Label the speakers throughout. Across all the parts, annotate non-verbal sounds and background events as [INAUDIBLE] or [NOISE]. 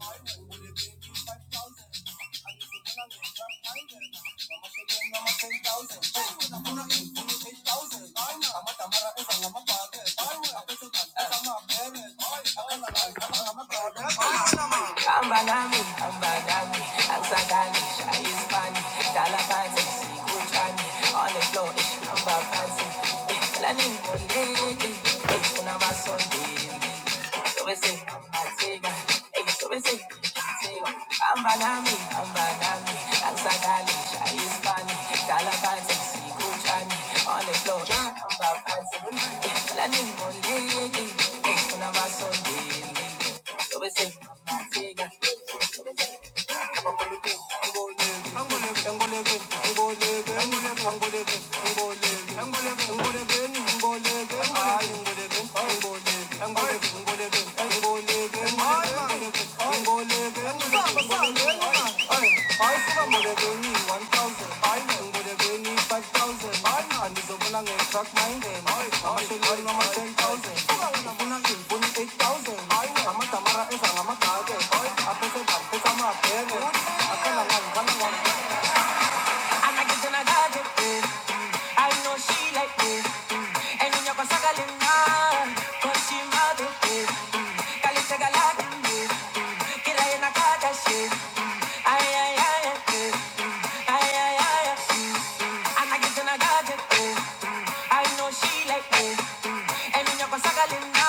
Speaker 1: I'm Ambalami, ambalami, azadani, shaispani, dalabati, sikuchani, on the floor, eh, ambapazi, eh, lani mkolege, eh, kuna masonde, eh, so we say, ambatega, Ambalami, ambalami, Azadali, Shaispani, Dalabati, Sikuchani, on the floor, Ambapati, Lani Mondegi, Kuna Masondeli, Obese, I'm Ay, ay, ay, ay, yeah. ay, ay, ay. yeah. I like it and I got it. mm, mm. I know she like me. mm. And in your pasagalina,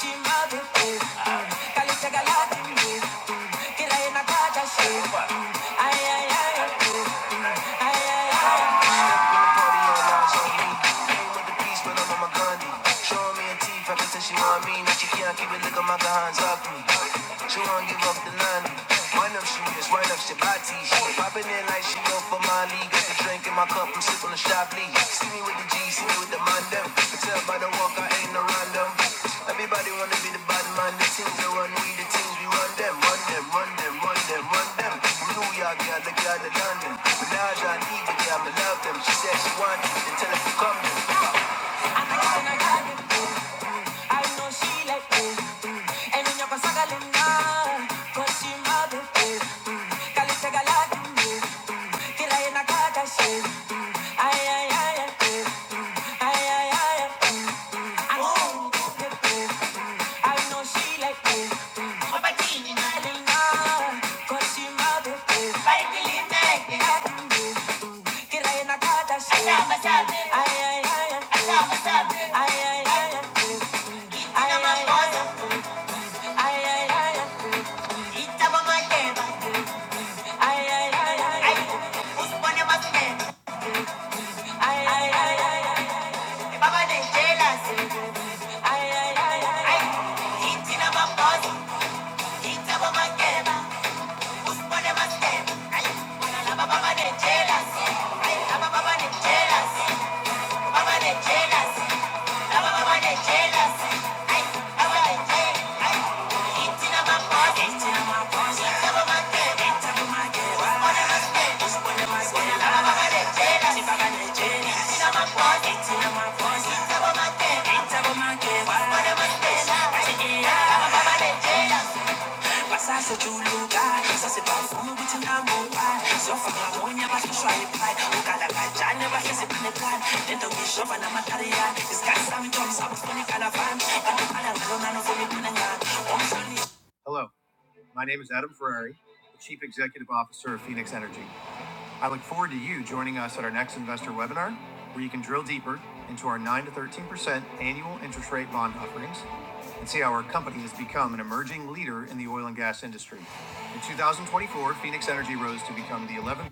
Speaker 1: she mother. mm, mm. Kali chagalati me. mm. Kila ina kaja she. mm. Ay ay ay ay ay ay ay party on Najee. Came with the peace, but I'm on my Gandhi. Showing me a teeth, ever since she want me. Now she can't keep it, look at my hands off me. She won't give up the nanny. Wind up, she is, wind up, she body. She popping in like she go for Molly. Got the drink in my cup, I'm sipping the shot, please. See me with the G, see me with the man them. You tell by the walk I ain't no random. Everybody wanna be the bad man, the things they run, we the things we run them, run them, run them, run them, run them. From New York, yeah, the girl that London. but now I need the girl, I love them. She said she wanted it, then tell her to come then. I know she like oh, mm. and then you're galinda, cause she mother oh, mm. Kalite galati oh, mm. kila ina kaka she, mm. ay ay ay ay oh, mm. ay ay ay ay, oh. I know she like oh, I know she like oh, mm. Obatini galinda, cause she mother oh, baby make it kila ina kaka she, Asaba sabe. mm. ay ay ay ay, oh. Asaba sabe. ay ay ay ay, oh. ay ay ay ay. Ay, ay, ay, ay. Grita, mamá, lleva. Ay, ay, ay, ay. Ay, pues pone más que. Ay, ay, ay, ay. Te baba de chelas. Ay, ay, ay, ay. Ay, grita, mamá, pues. Grita, mamá, lleva. Pues pone más que. Ay, una la baba de chelas. Ay, la baba de chelas. Baba de chelas. La baba de chelas. Baba de chelas. Grita, mamá, pues. Hello, my name is Adam Ferrari, the Chief Executive Officer of Phoenix Energy. I look forward to you joining us at our next investor webinar, where you can drill deeper into our 9 to 13% annual interest rate bond offerings and see how our company has become an emerging leader in the oil and gas industry. In 2024, Phoenix Energy rose to become the 11th.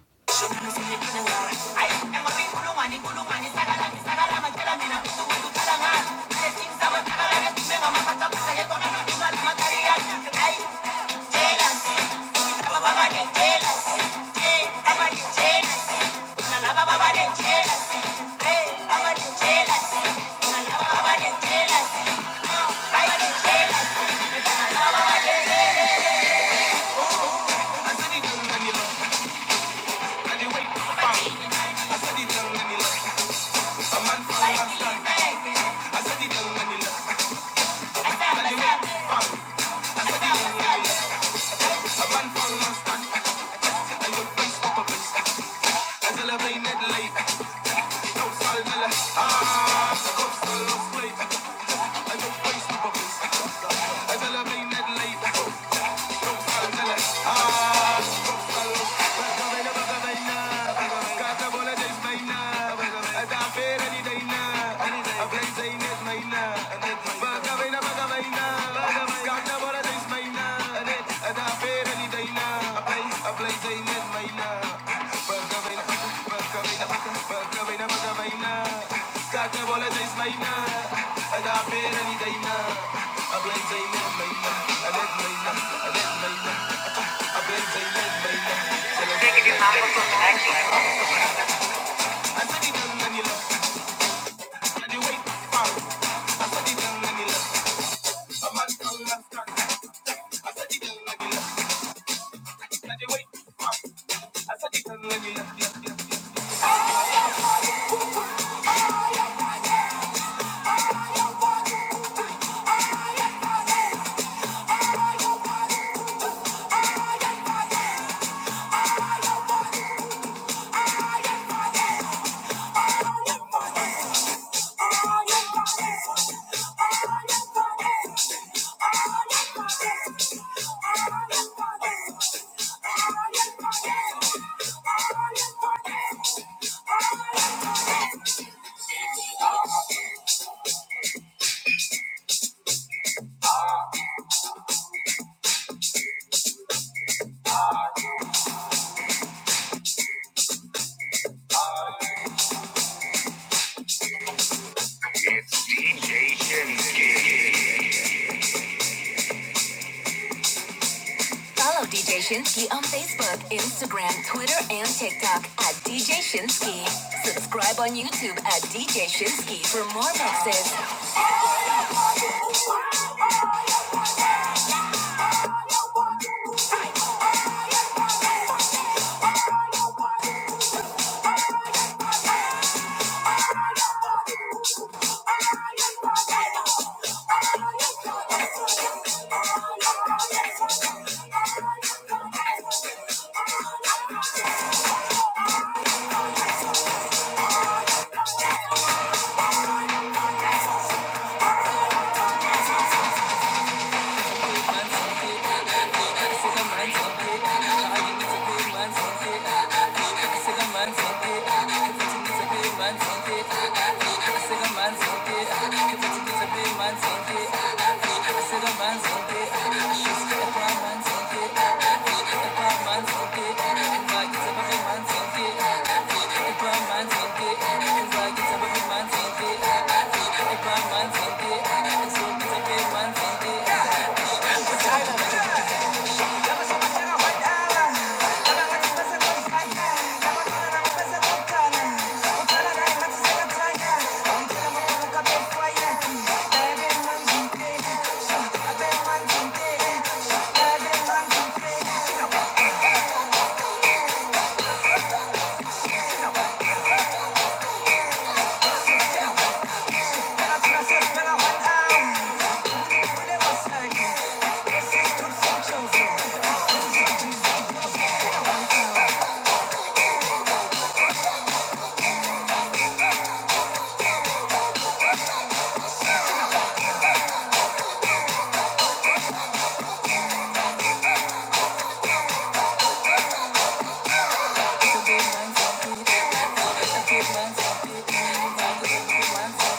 Speaker 1: Kakne bole days mayna, ada pera ni daina, ablen zayna mayna, alet mayna, alet mayna, ablen zayna mayna. Asadi dan nanila, adi wait pau, asadi dan nanila, aman kau naskan, asadi dan nanila, adi wait, asadi dan nanila, Thank you. Follow DJ Shinsky on Facebook, Instagram, Twitter, and TikTok at DJ Shinsky. Subscribe on YouTube at DJ Shinsky for more mixes.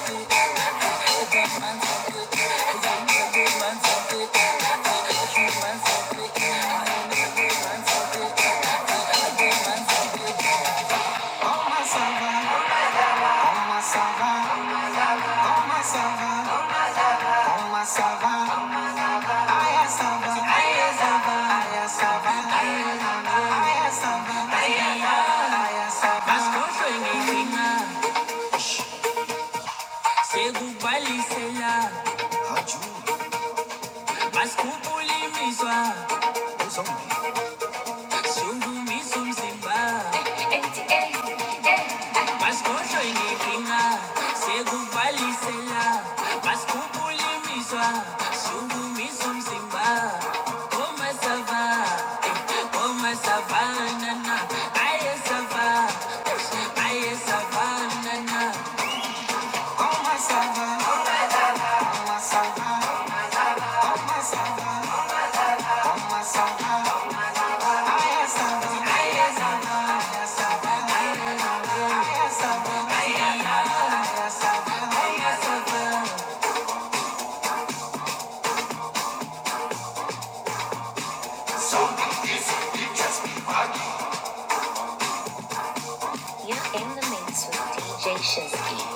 Speaker 1: Thank you. Mas kupuli miswa, shungu misumzimba. Pasko eh, You're in the mix with DJ Shazzy.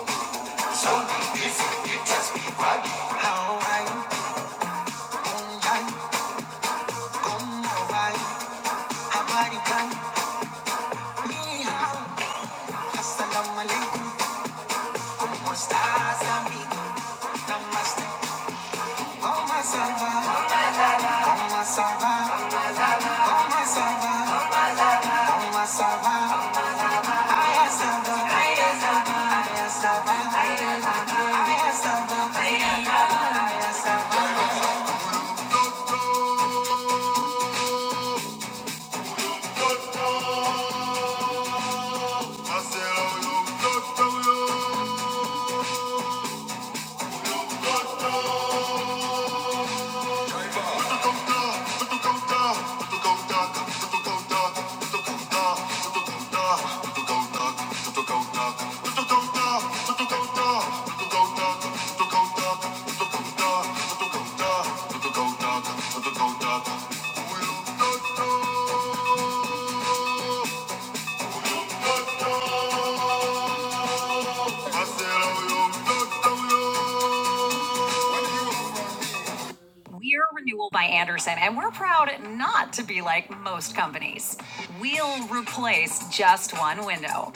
Speaker 1: Marcelo, yo, yo, yo, yo. Anderson, and we're proud not to be like most companies. We'll replace just one window.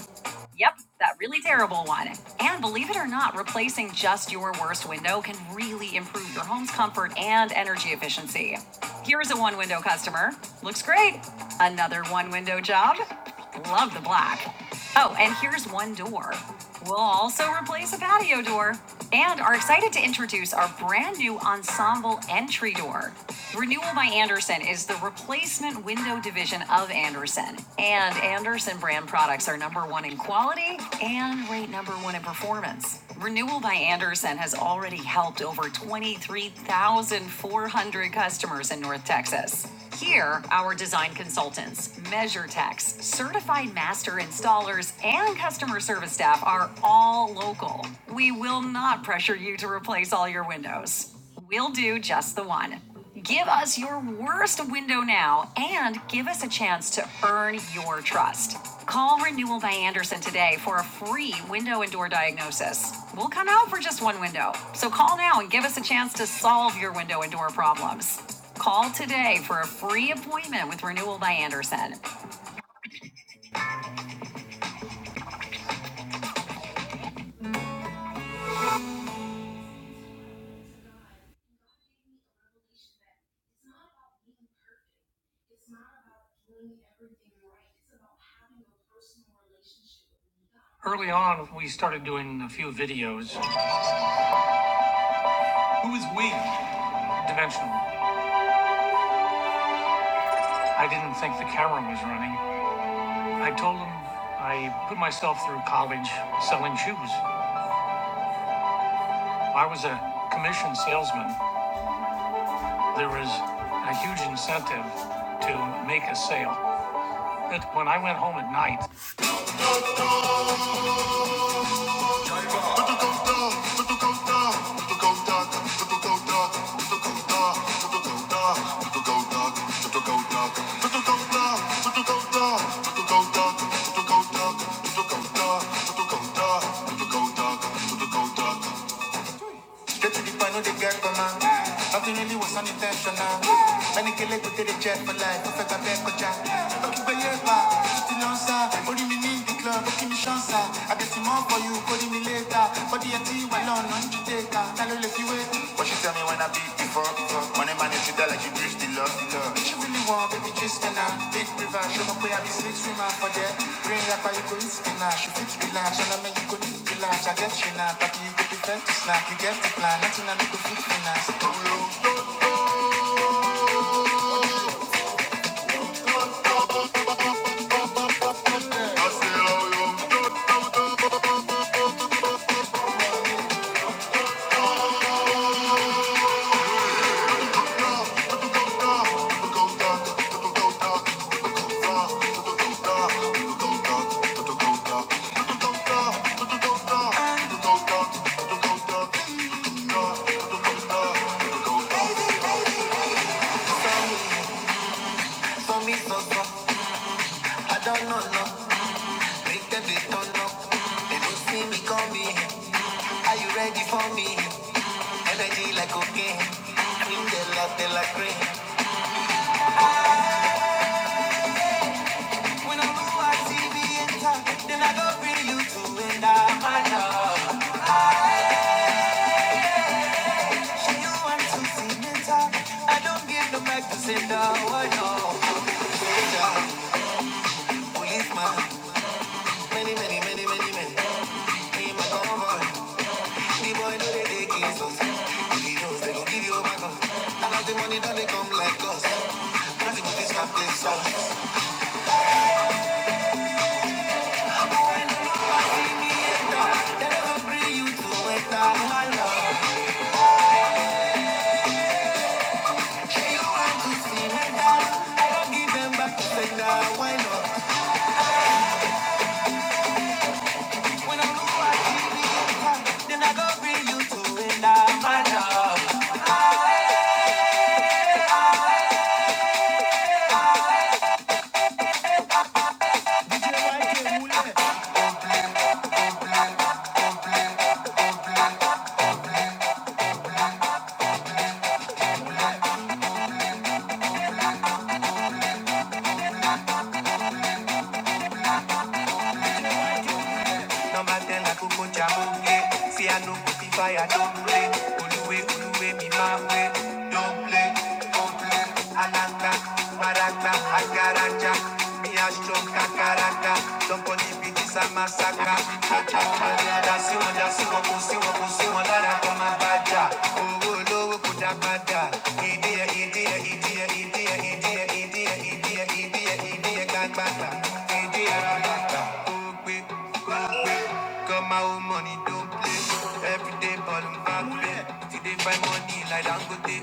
Speaker 1: Yep, that really terrible one. And believe it or not, replacing just your worst window can really improve your home's comfort and energy efficiency. Here's a one window customer. Looks great. Another one window job. Love the black. Oh, and here's one door. We'll also replace a patio door and are excited to introduce our brand new ensemble entry door. Renewal by Anderson is the replacement window division of Anderson, and Anderson brand products are number one in quality and rate number one in performance. Renewal by Anderson has already helped over 23,400 customers in North Texas. Here, our design consultants MeasureTech's certified master installers and customer service staff are all local. We will not pressure you to replace all your windows. We'll do just the one. Give us your worst window now and give us a chance to earn your trust. Call Renewal by Anderson today for a free window and door diagnosis. We'll come out for just one window. So call now and give us a chance to solve your window and door problems. Call today for a free appointment with Renewal by Anderson. Early on, we started doing a few videos, dimensional. I didn't think the camera was running. I told him I put myself through college selling shoes. I was a commission salesman. There was a huge incentive to make a sale home at night. Go Duck, go duck. Straight to the point, no the girl, come out. Nothing really was unintentional. Many kill it, take the check for life. Perfect, I beg for jack. Okay, but yeah, but the lancer. Only me need the club, okay, me chance. ah. I get some more for you, calling me later. For the AT, well, on, on, you take her. Tell her if you wait. What she tell me when I beat before, before. Man, if you see like you bridge the love, the love. She really want baby just me now. Big river, show me where I be six women for there. Bring up how you go eat me now. She fix me now, so now make you go eat me now. I get you now, but you go be fed to snack. You get the plan, nothing I need to fix me now. So go, go, go, dog. Go, go, dog. Go, go, go, dog. Go, go, go, dog. Go, go, go, dog. Go, go, go, dog. Go, go, go, dog. Go, go, go, dog. Go, go, go, dog. Go, go, go, dog. Go, go, go, dog. For me, so, so, I don't know, no. Are you ready for me? Energy like cocaine. Cream de la de la When I'm on TV enter, then I go to end up my love. She you want to see me talk. I don't give no back to say no, oh no. Soldier, policeman, many, many, many, many men. In my convoy. The boy know they take it so he knows they gon' give you back up. And all the money done they come like us. Nothing but this can place up. I see me enter. They never bring you to enter my love. Hey, you want to see me down? I don't give number ten like Ukucha See how I don't play. Ukara, Doka, Got my own money, don't play. Every day, ball and back Today, buy money like Dangote.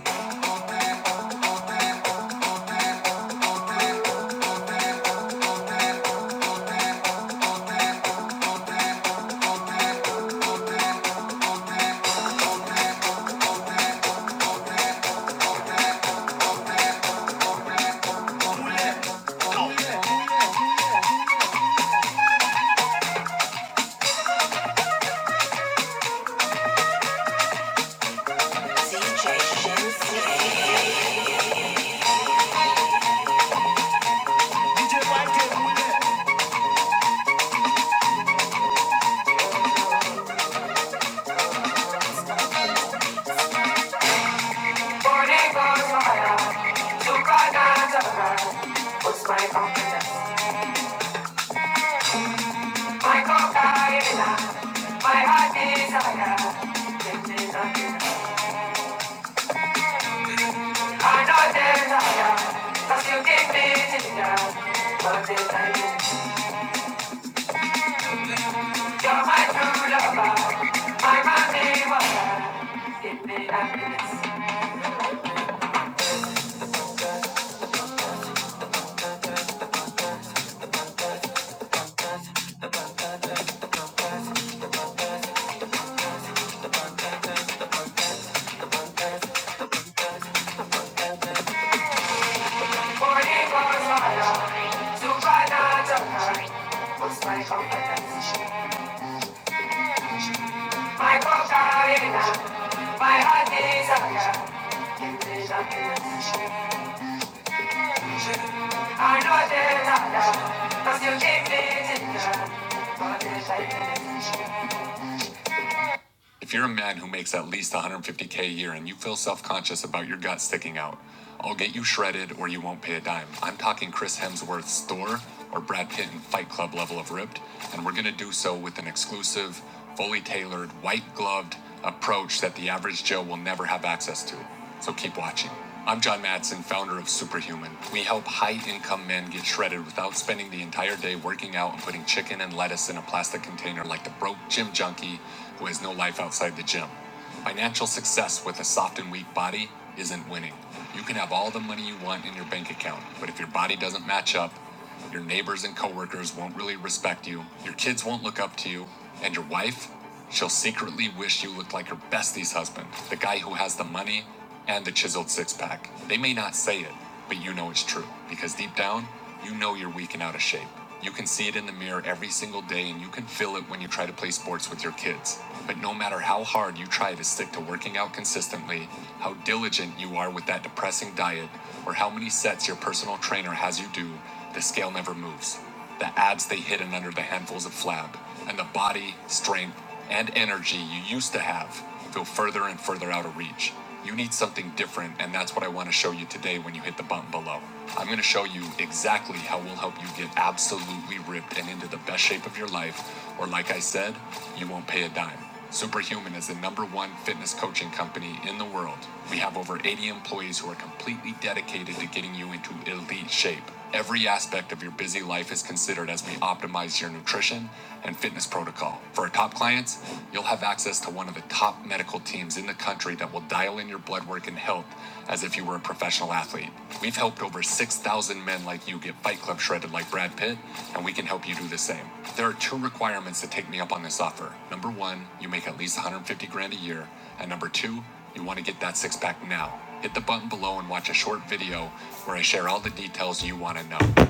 Speaker 1: Morning, ball, fire. Took a dance around. What's my confidence? My cocaine, my heart desire. Take me, nothing. Cause you If you're a man who makes at least 150K a year and you feel self conscious about your gut sticking out, I'll get you shredded or you won't pay a dime. I'm talking Chris Hemsworth's Thor or Brad Pitt in Fight Club level of ripped, and we're gonna do so with an exclusive, fully tailored, white gloved approach that the average Joe will never have access to. So keep watching. I'm John Matson, founder of Superhuman. We help high income men get shredded without spending the entire day working out and putting chicken and lettuce in a plastic container like the broke gym junkie who has no life outside the gym. Financial success with a soft and weak body isn't winning. You can have all the money you want in your bank account, but if your body doesn't match up, your neighbors and coworkers won't really respect you, your kids won't look up to you, and your wife She'll secretly wish you looked like her bestie's husband, the guy who has the money and the chiseled six pack. They may not say it, but you know it's true because deep down, you know you're weak and out of shape. You can see it in the mirror every single day and you can feel it when you try to play sports with your kids. But no matter how hard you try to stick to working out consistently, how diligent you are with that depressing diet, or how many sets your personal trainer has you do, the scale never moves the ads they hidden under the handfuls of flab, and the body, strength, and energy you used to have feel further and further out of reach. You need something different, and that's what I want to show you today when you hit the button below. I'm going to show you exactly how we'll help you get absolutely ripped and into the best shape of your life, or like I said, you won't pay a dime. Superhuman is the number one fitness coaching company in the world. We have over 80 employees who are completely dedicated to getting you into elite shape. Every aspect of your busy life is considered as we optimize your nutrition and fitness protocol. For our top clients, you'll have access to one of the top medical teams in the country that will dial in your blood work and health as if you were a professional athlete. We've helped over 6,000 men like you get Fight Club shredded like Brad Pitt, and we can help you do the same. There are two requirements to take me up on this offer. Number one, you make at least 150 grand a year, and number two, you want to get that six pack now. Hit the button below and watch a short video where I share all the details you want to know.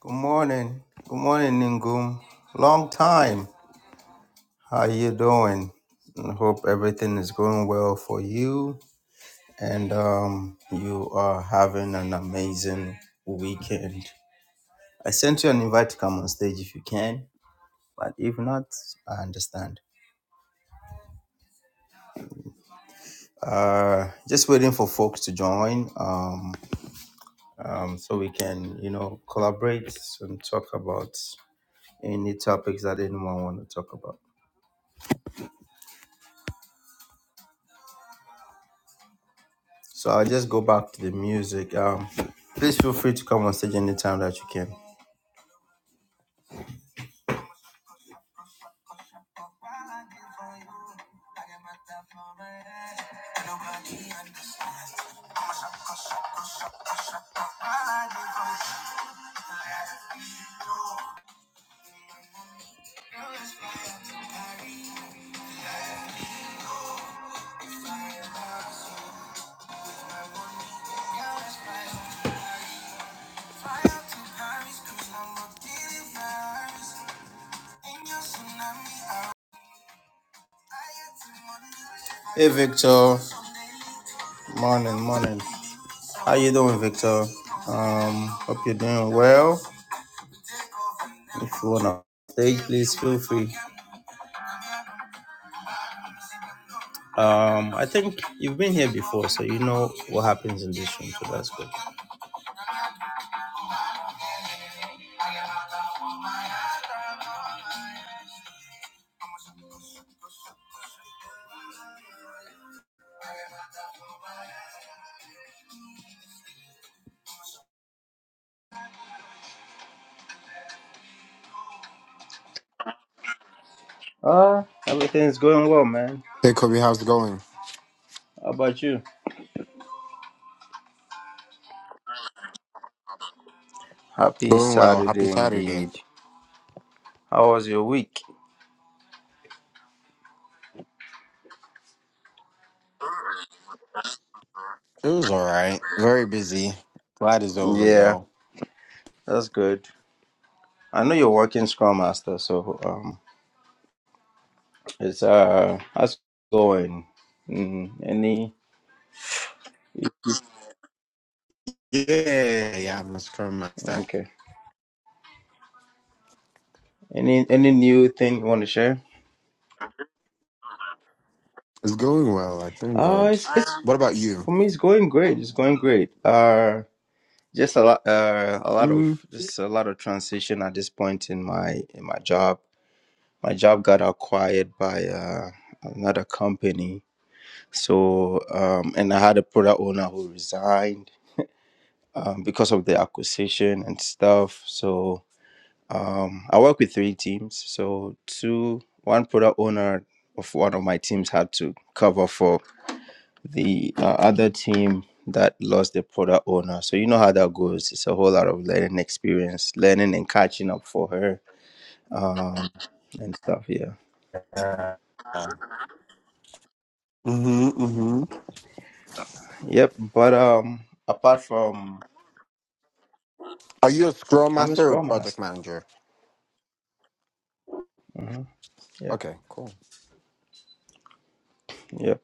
Speaker 1: Good morning. Good morning, Ningum. Long time. How you doing? I hope everything is going well for you. And um, to having an amazing weekend. I sent you an invite to come on stage if you can. If not, I understand. Uh, just waiting for folks to join um, um, so we can, you know, collaborate and talk about any topics that anyone want to talk about. So I'll just go back to the music. Um, please feel free to come on stage anytime that you can. Hey Victor, morning, morning. How you doing, Victor? Um, hope you're doing well. If you want to stage, please feel free. Um, I think you've been here before, so you know what happens in this room, so that's good. Uh, everything's going well, man.
Speaker 2: Hey Kobe, how's it going?
Speaker 1: How about you? Happy
Speaker 2: Going well. Happy
Speaker 1: Saturday
Speaker 2: Saturday.
Speaker 1: indeed. How was your week?
Speaker 2: It was all right. Very busy. Glad it's over
Speaker 1: Yeah,
Speaker 2: though.
Speaker 1: that's good. I know you're working Scrum Master, so um, it's uh, how's it going? Mm, any
Speaker 2: Yeah, yeah. I'm a scrum master.
Speaker 1: okay? Any any new thing you want to share?
Speaker 2: It's going well. I thank
Speaker 1: Uh,
Speaker 2: God.
Speaker 1: it's, it's
Speaker 2: What about you?
Speaker 1: for me. It's going great. It's going great. Uh, Just a lot, uh, a lot of
Speaker 2: Mm.
Speaker 1: just a lot of transition at this point in my in my job. My job got acquired by uh, another company. So, um, and I had a product owner who resigned um, because of the acquisition and stuff. So, I work with three teams. So, two, one product owner of one of my teams had to cover for the uh, other team that lost the product owner. So you know how that goes. It's a whole lot of learning experience, learning and catching up for her and stuff. Yeah.
Speaker 2: Uh, mm-hmm, mm-hmm.
Speaker 1: Yep. But um, apart from
Speaker 2: Are you a scrum
Speaker 1: I'm a
Speaker 2: master or
Speaker 1: scrum
Speaker 2: project
Speaker 1: master.
Speaker 2: manager?
Speaker 1: Yeah.
Speaker 2: Okay, cool.
Speaker 1: Yep.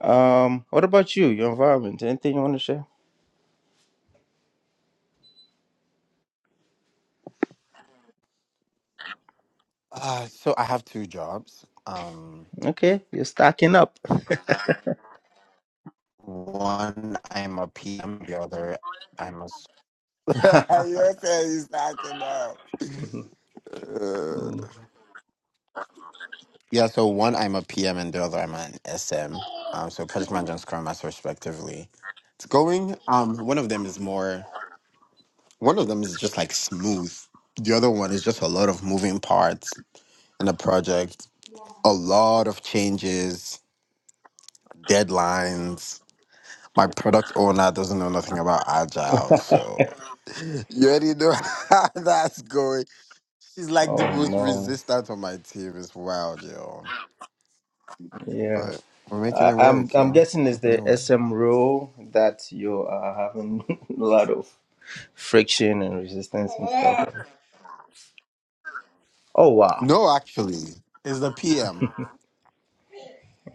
Speaker 1: Um, what about you? Your environment? Anything you want to share?
Speaker 2: Uh, so I have two jobs. Um,
Speaker 1: Okay, you're stacking up.
Speaker 2: one I'm a PM. The other I'm a. [LAUGHS] s- You're saying you're stacking up. [LAUGHS] Yeah, so one I'm a PM and the other I'm an SM. Um, so project manager and scrum master respectively. It's going. Um, one of them is more. One of them is just like smooth. The other one is just a lot of moving parts in the project. A lot of changes, deadlines. My product owner doesn't know nothing about agile, so [LAUGHS] you already know [LAUGHS] how that's going. She's like
Speaker 1: Oh
Speaker 2: the most
Speaker 1: no.
Speaker 2: resistant on my team. It's wild, yo.
Speaker 1: Yeah.
Speaker 2: But we're making it
Speaker 1: I, I'm
Speaker 2: work,
Speaker 1: I'm
Speaker 2: yo.
Speaker 1: guessing it's
Speaker 2: Making it
Speaker 1: the
Speaker 2: work.
Speaker 1: SM rule that you are having [LAUGHS] a lot of friction and resistance and stuff. Oh wow.
Speaker 2: No, actually, it's the PM.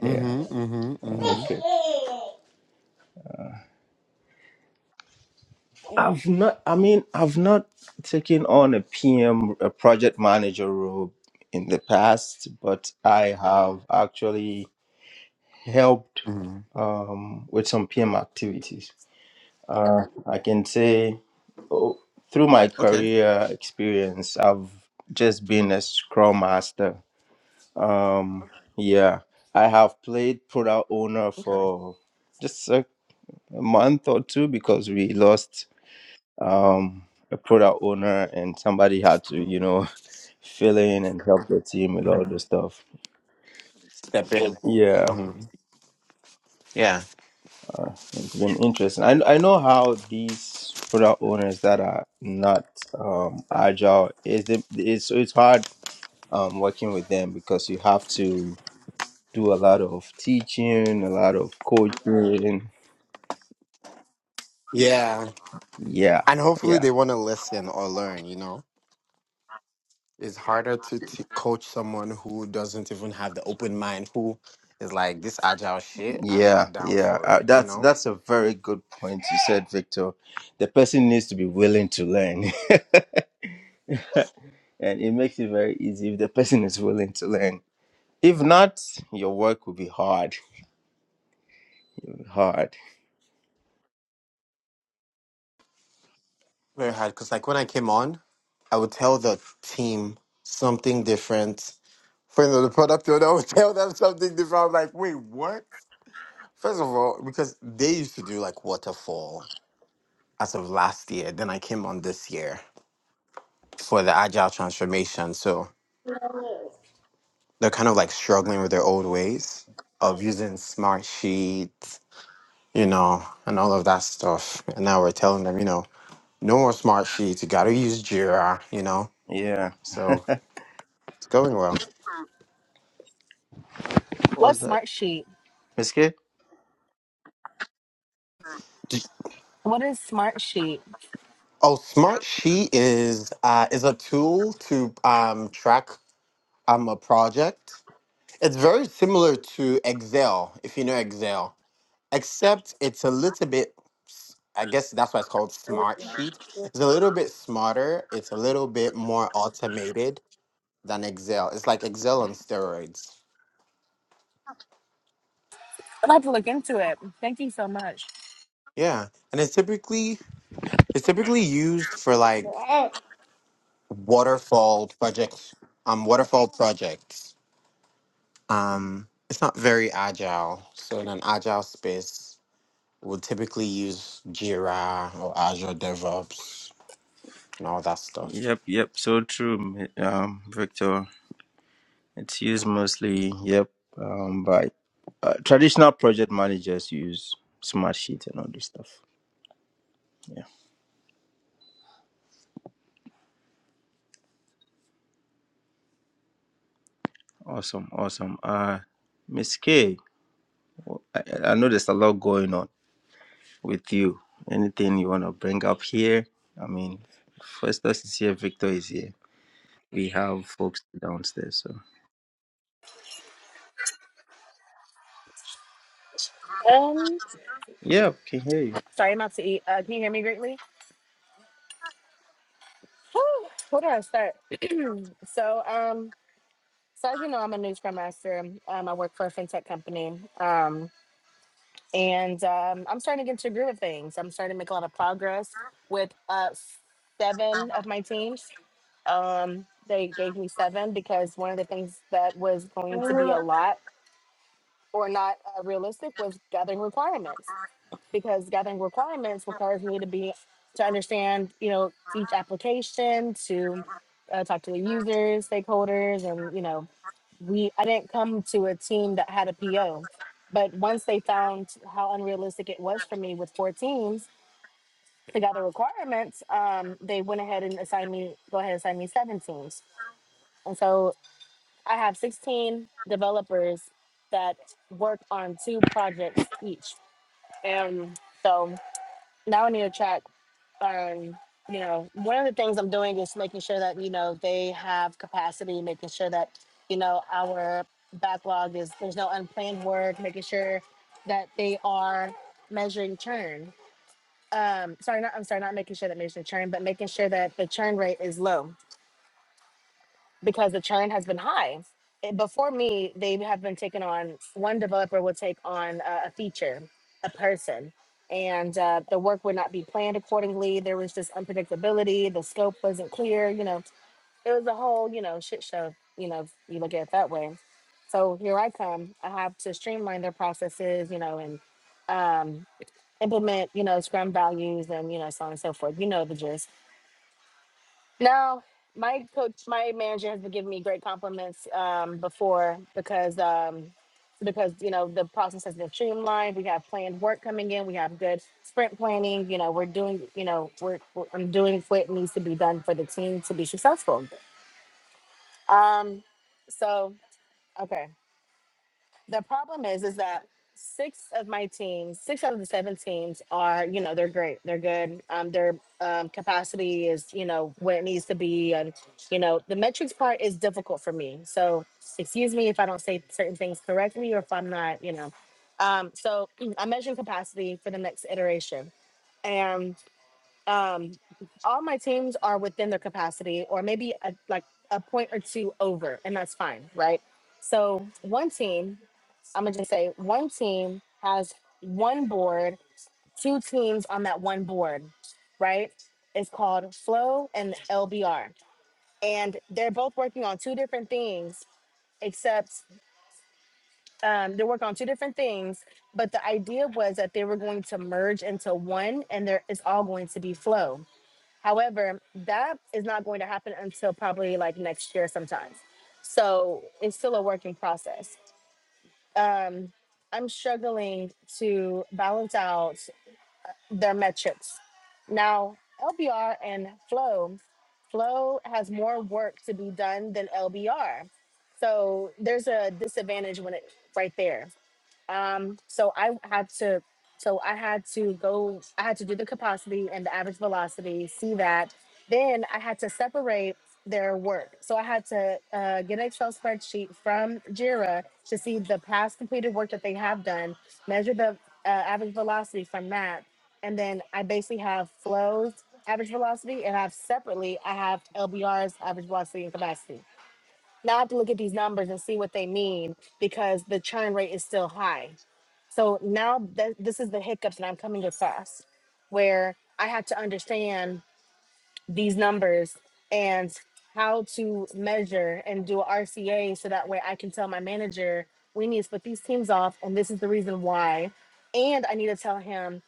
Speaker 1: Yeah.
Speaker 2: Mm-hmm. Mm-hmm. Mm-hmm.
Speaker 1: Okay. I've not. I mean, I've not taken on a PM, a project manager role in the past, but I have actually helped
Speaker 2: hmm
Speaker 1: um, with some PM activities. Uh, I can say oh, through my
Speaker 2: Okay.
Speaker 1: career experience, I've just been a Scrum Master. Um, Yeah, I have played product owner
Speaker 2: Okay.
Speaker 1: for just a, a month or two because we lost um, a product owner, and somebody had to, you know, [LAUGHS] fill in and help the team with all
Speaker 2: Mm-hmm.
Speaker 1: the stuff.
Speaker 2: Step in.
Speaker 1: Yeah,
Speaker 2: hmm Yeah.
Speaker 1: it's been interesting. I I know how these product owners that are not um, agile is the it's it's hard um, working with them because you have to do a lot of teaching, a lot of coaching.
Speaker 2: Yeah,
Speaker 1: Yeah,
Speaker 2: and hopefully
Speaker 1: yeah,
Speaker 2: they want to listen or learn. You know, it's harder to t- coach someone who doesn't even have the open mind, who is like this agile shit. I'm
Speaker 1: yeah,
Speaker 2: not down
Speaker 1: yeah.
Speaker 2: for
Speaker 1: Uh,
Speaker 2: it. You
Speaker 1: that's
Speaker 2: know,
Speaker 1: that's a very good point you said, Victor. The person needs to be willing to learn. [LAUGHS] and it makes it very easy if the person is willing to learn. If not, your work will be hard. Hard.
Speaker 2: very hard. Cause like when I came on, I would tell the team something different. For the product owner, I would [LAUGHS] tell them something different. I'm like, wait, what? First of all, because they used to do like waterfall as of last year, then I came on this year for the agile transformation. So they're kind of like struggling with their old ways of using smart sheets, you know, and all of that stuff. And now we're telling them, you know, no more smart sheets. You got to use Jira, you know.
Speaker 1: Yeah.
Speaker 2: So it's going well.
Speaker 1: What
Speaker 3: What's
Speaker 1: was that?
Speaker 3: smart sheet?
Speaker 1: Miss K?
Speaker 2: D-
Speaker 3: What is smart sheet?
Speaker 2: Oh, smart sheet is uh, is a tool to um, track um, a project It's very similar to Excel, if you know Excel, except it's a little bit, s- I guess that's why it's called Smart Sheet. It's a little bit smarter, it's a little bit more automated than Excel. It's like Excel on steroids.
Speaker 3: I'm about to look into it. Thank you so much.
Speaker 2: Yeah, and it's typically it's typically used for like waterfall projects, um waterfall projects. Um it's not very agile. So in an agile space, we'll typically use Jira or Azure DevOps and all that stuff.
Speaker 1: Yep, yep. So true, Mi- um, Victor. It's used mostly, yep, um, by uh, traditional project managers use Smartsheet and all this stuff. Yeah. Awesome, awesome. Uh, Miss K, w- I, I know there's a lot going on with you. Anything you want to bring up here? I mean, First is here, Victor is here. we have folks downstairs. So yeah, we can hear
Speaker 3: Sorry, I'm about to eat. Uh, can you hear me greatly? Whew, where do I start? So, um, so as you know, I'm a news scrum master. Um, I work for a fintech company. Um, and um, I'm starting to get to a groove of things. I'm starting to make a lot of progress with uh, seven of my teams. Um, they gave me seven because one of the things that was going to be a
Speaker 1: you.
Speaker 3: lot or not uh, realistic was gathering requirements. because gathering requirements requires me to be to understand you know each application to uh, talk to the users stakeholders and you know we i didn't come to a team that had a po but once they found how unrealistic it was for me with four teams to gather requirements um, they went ahead and assigned me go ahead and assign me seven teams and so i have 16 developers that work on two projects each and so now I need to track. Um, you know, one of the things I'm doing is making sure that you know they have capacity, making sure that you know our backlog is there's no unplanned work, making sure that they are measuring churn. Um, sorry, not I'm sorry, not making sure that measuring churn, but making sure that the churn rate is low because the churn has been high. It- Before me, they have been taking on one developer will take on uh, a feature, a person, and uh, the work would not be planned accordingly. There was just unpredictability. The scope wasn't clear. You know, it was a whole you know shit show. You know, if you look at it that way. So here I come. I have to streamline their processes. You know, and um, implement you know Scrum values and you know so on and so forth. You know the gist no, my coach, my manager has been giving me great compliments um, before because um, because you know the process has been streamlined. We have planned work coming in. We have good sprint planning. You know, we're doing you know we're, we're I'm doing what needs to be done for the team to be successful. Um, so okay the problem is is that six of my teams six out of the seven teams are you know they're great they're good um their um capacity is you know where it needs to be and you know the metrics part is difficult for me so excuse me if i don't say certain things correctly or if i'm not you know um so [CLEARS THROAT] i measure capacity for the next iteration and um, all my teams are within their capacity or maybe a, like a point or two over, and that's fine, right? So one team, I'm gonna just say one team has one board, two teams on that one board, right? It's called Flow and LBR, and they're both working on two different things. Except um, they're working on two different things, but the idea was that they were going to merge into one, and there it's all going to be flow However, that is not going to happen until probably like next year sometimes. So it's still a work in process. Um, I'm struggling to balance out their metrics. Now, LBR and Flow, Flow has more work to be done than LBR. So there's a disadvantage when it right there um, so I had to, so I had to go, I had to do the capacity and the average velocity, see that. Then I had to separate their work. So I had to uh, get an Excel spreadsheet from JIRA to see the past completed work that they have done, measure the uh, average velocity from that. And then I basically have flows, average velocity, and I have separately, I have LBRs, average velocity and capacity. Now I have to look at these numbers and see what they mean because the churn rate is still high. So now that this is the hiccups that I'm coming across where I have to understand these numbers and how to measure and do a RCA so that way I can tell my manager we need to split these teams off and this is the reason why. And I need to tell him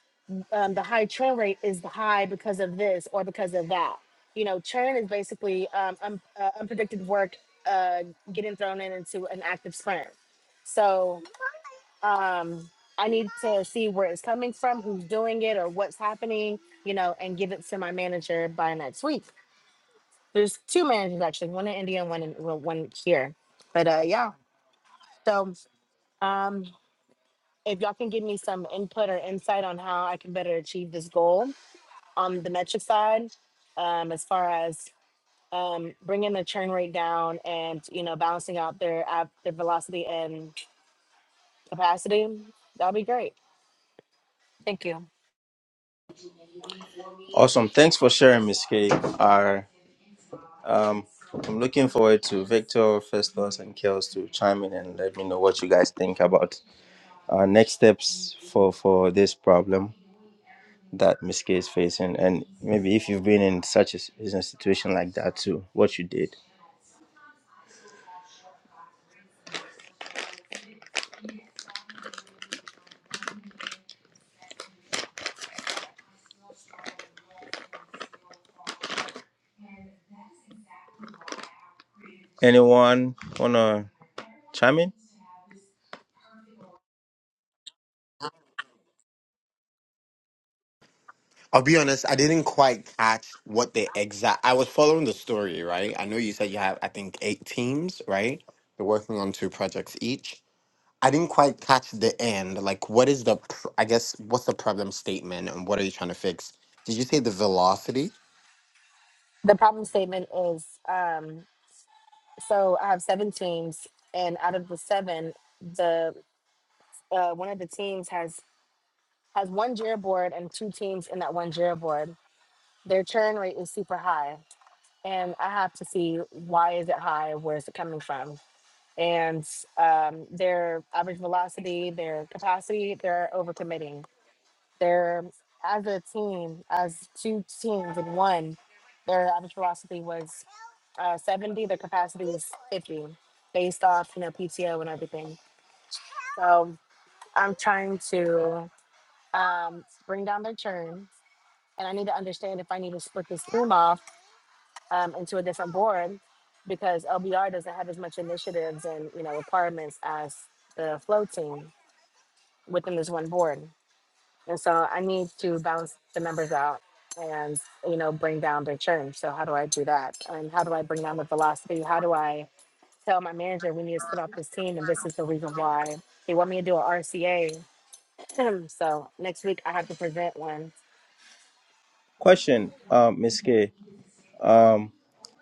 Speaker 3: um, the high churn rate is high because of this or because of that. You know, churn is basically um, un- uh, unpredicted work uh, getting thrown in into an active sprint. So um, I need to see where it's coming from, who's doing it, or what's happening, you know, and give it to my manager by next week. There's two managers actually, one in India and one in, well, one here. But uh, yeah, so um, if y'all can give me some input or insight on how I can better achieve this goal, on the metric side um, as far as um, bringing the churn rate down and you know balancing out their ab- their velocity and capacity that'll be great thank you
Speaker 1: Awesome. Thanks for sharing, Miss K. Uh, I'm looking forward to Victor, Festus, and Kels to chime in and let me know what you guys think about uh, next steps for for this problem that Miss K is facing, and maybe if you've been in such a, s- in a situation like that too, what you did. Anyone wanna chime in?
Speaker 2: I'll be honest, I didn't quite catch what the exact. I was following the story, right? I know you said you have, I think, eight teams, right? They're working on two projects each. I didn't quite catch the end. Like, what is the, pr- I guess, what's the problem statement and what are you trying to fix? Did you say the velocity?
Speaker 3: the problem statement is um, so i have seven teams and out of the seven the uh, one of the teams has has one jira board and two teams in that one jira board their churn rate is super high and i have to see why is it high where is it coming from and um, their average velocity, their capacity, they're overcommitting. They're as a team, as two teams in one, their average velocity was uh, 70. Their capacity was 50, based off you know PTO and everything. So I'm trying to um, bring down their churn, and I need to understand if I need to split this room off um, into a different board because LBR doesn't have as much initiatives and you know requirements as the flow team within this one board. And so I need to balance the numbers out and you know bring down their churn. So how do I do that? And how do I bring down the velocity? How do I tell my manager we need to split off this team and this is the reason why they want me to do an RCA. [CLEARS THROAT] so next week I have to present one
Speaker 1: Question, uh, Miss K. Um,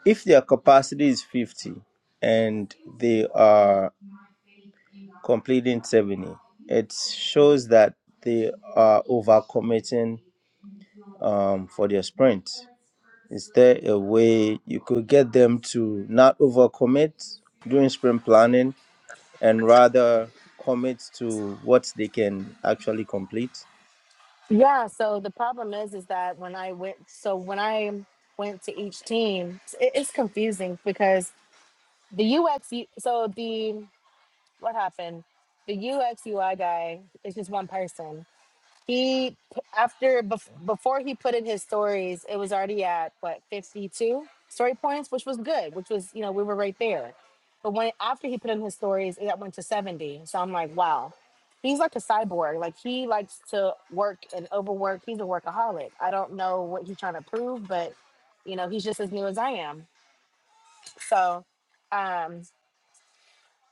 Speaker 1: if their capacity is 50 and they are completing 70. It shows that they are overcommitting um, for their sprint. Is there a way you could get them to not overcommit during sprint planning and rather commit to what they can actually complete?
Speaker 3: Yeah, so the problem is is that when I went so when I went to each team, it, it's confusing because the UX so the what happened? The UX UI guy is just one person. He after bef- before he put in his stories, it was already at what 52 story points, which was good, which was, you know, we were right there. But when after he put in his stories, it went to 70. So I'm like, wow. He's like a cyborg. Like he likes to work and overwork. He's a workaholic. I don't know what he's trying to prove, but you know, he's just as new as I am. So um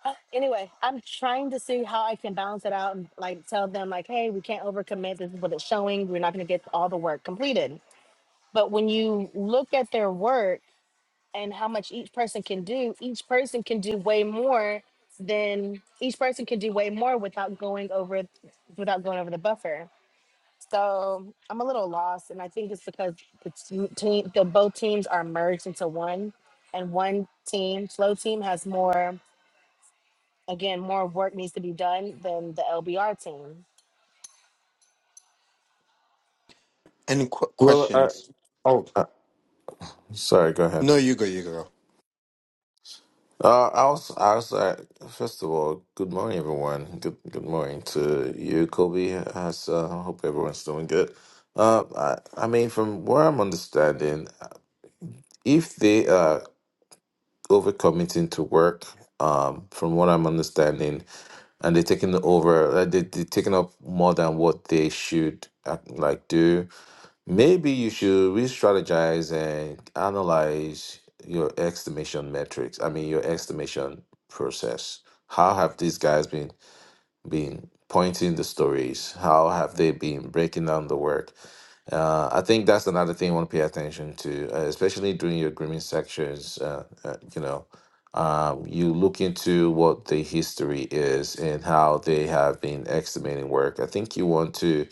Speaker 3: uh, anyway, I'm trying to see how I can balance it out and like tell them like, hey, we can't overcommit. This is what it's showing. We're not going to get all the work completed. But when you look at their work and how much each person can do, each person can do way more than each person can do way more without going over without going over the buffer. So I'm a little lost, and I think it's because the t- team, the both teams are merged into one, and one team, flow team, has more again, more work needs to be done than the LBR team.
Speaker 2: Any qu-
Speaker 4: Well, I,
Speaker 2: questions? Oh,
Speaker 4: uh, sorry, go ahead.
Speaker 2: no, you go, you go.
Speaker 4: Uh, I was, I was, uh, first of all, good morning, everyone. Good, good morning to you, Kobe. I s- uh, hope everyone's doing good. Uh, I, I mean, from what I'm understanding, if they are overcommitting to work, um, from what I'm understanding, and they're taking over, uh, they, they're taking up more than what they should uh, like do. Maybe you should re-strategize and analyze your estimation metrics. I mean, your estimation process. How have these guys been been pointing the stories? How have they been breaking down the work? Uh, I think that's another thing you want to pay attention to, uh, especially during your grooming sections. Uh, uh, you know, um, you look into what the history is and how they have been estimating work. I think you want to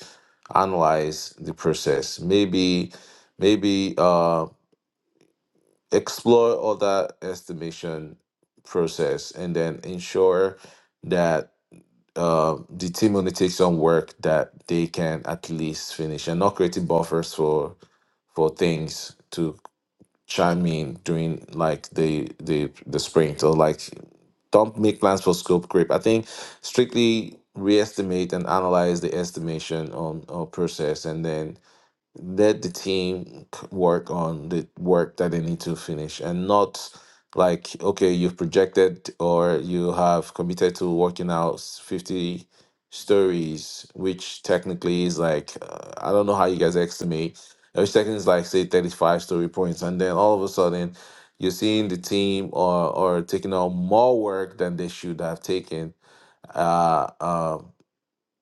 Speaker 4: analyze the process. Maybe, maybe uh, explore other estimation process, and then ensure that uh, the team only takes on work that they can at least finish, and not creating buffers for for things to chime in during like the the the spring. So like don't make plans for scope creep. I think strictly reestimate and analyze the estimation on or process and then let the team c- work on the work that they need to finish and not like okay you've projected or you have committed to working out s- 50 stories which technically is like uh, i don't know how you guys estimate uh, which technically is like say 35 story points and then all of a sudden you're seeing the team or or taking on more work than they should have taken Uh, um,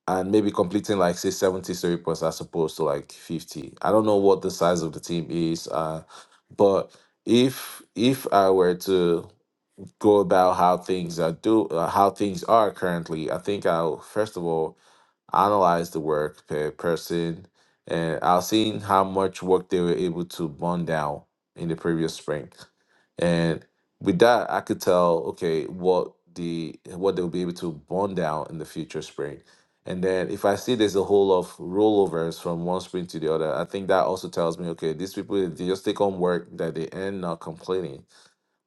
Speaker 4: and maybe completing like say 70 story points as opposed to like 50 i don't know what the size of the team is uh but if if i were to go about how things are do uh, how things are currently i think i'll first of all analyze the work per person, and I've seen how much work they were able to burn down in the previous spring. And with that, I could tell okay what the what they'll be able to burn down in the future spring. And then if I see there's a whole of rollovers from one spring to the other, I think that also tells me okay, these people they just take on work that they end not completing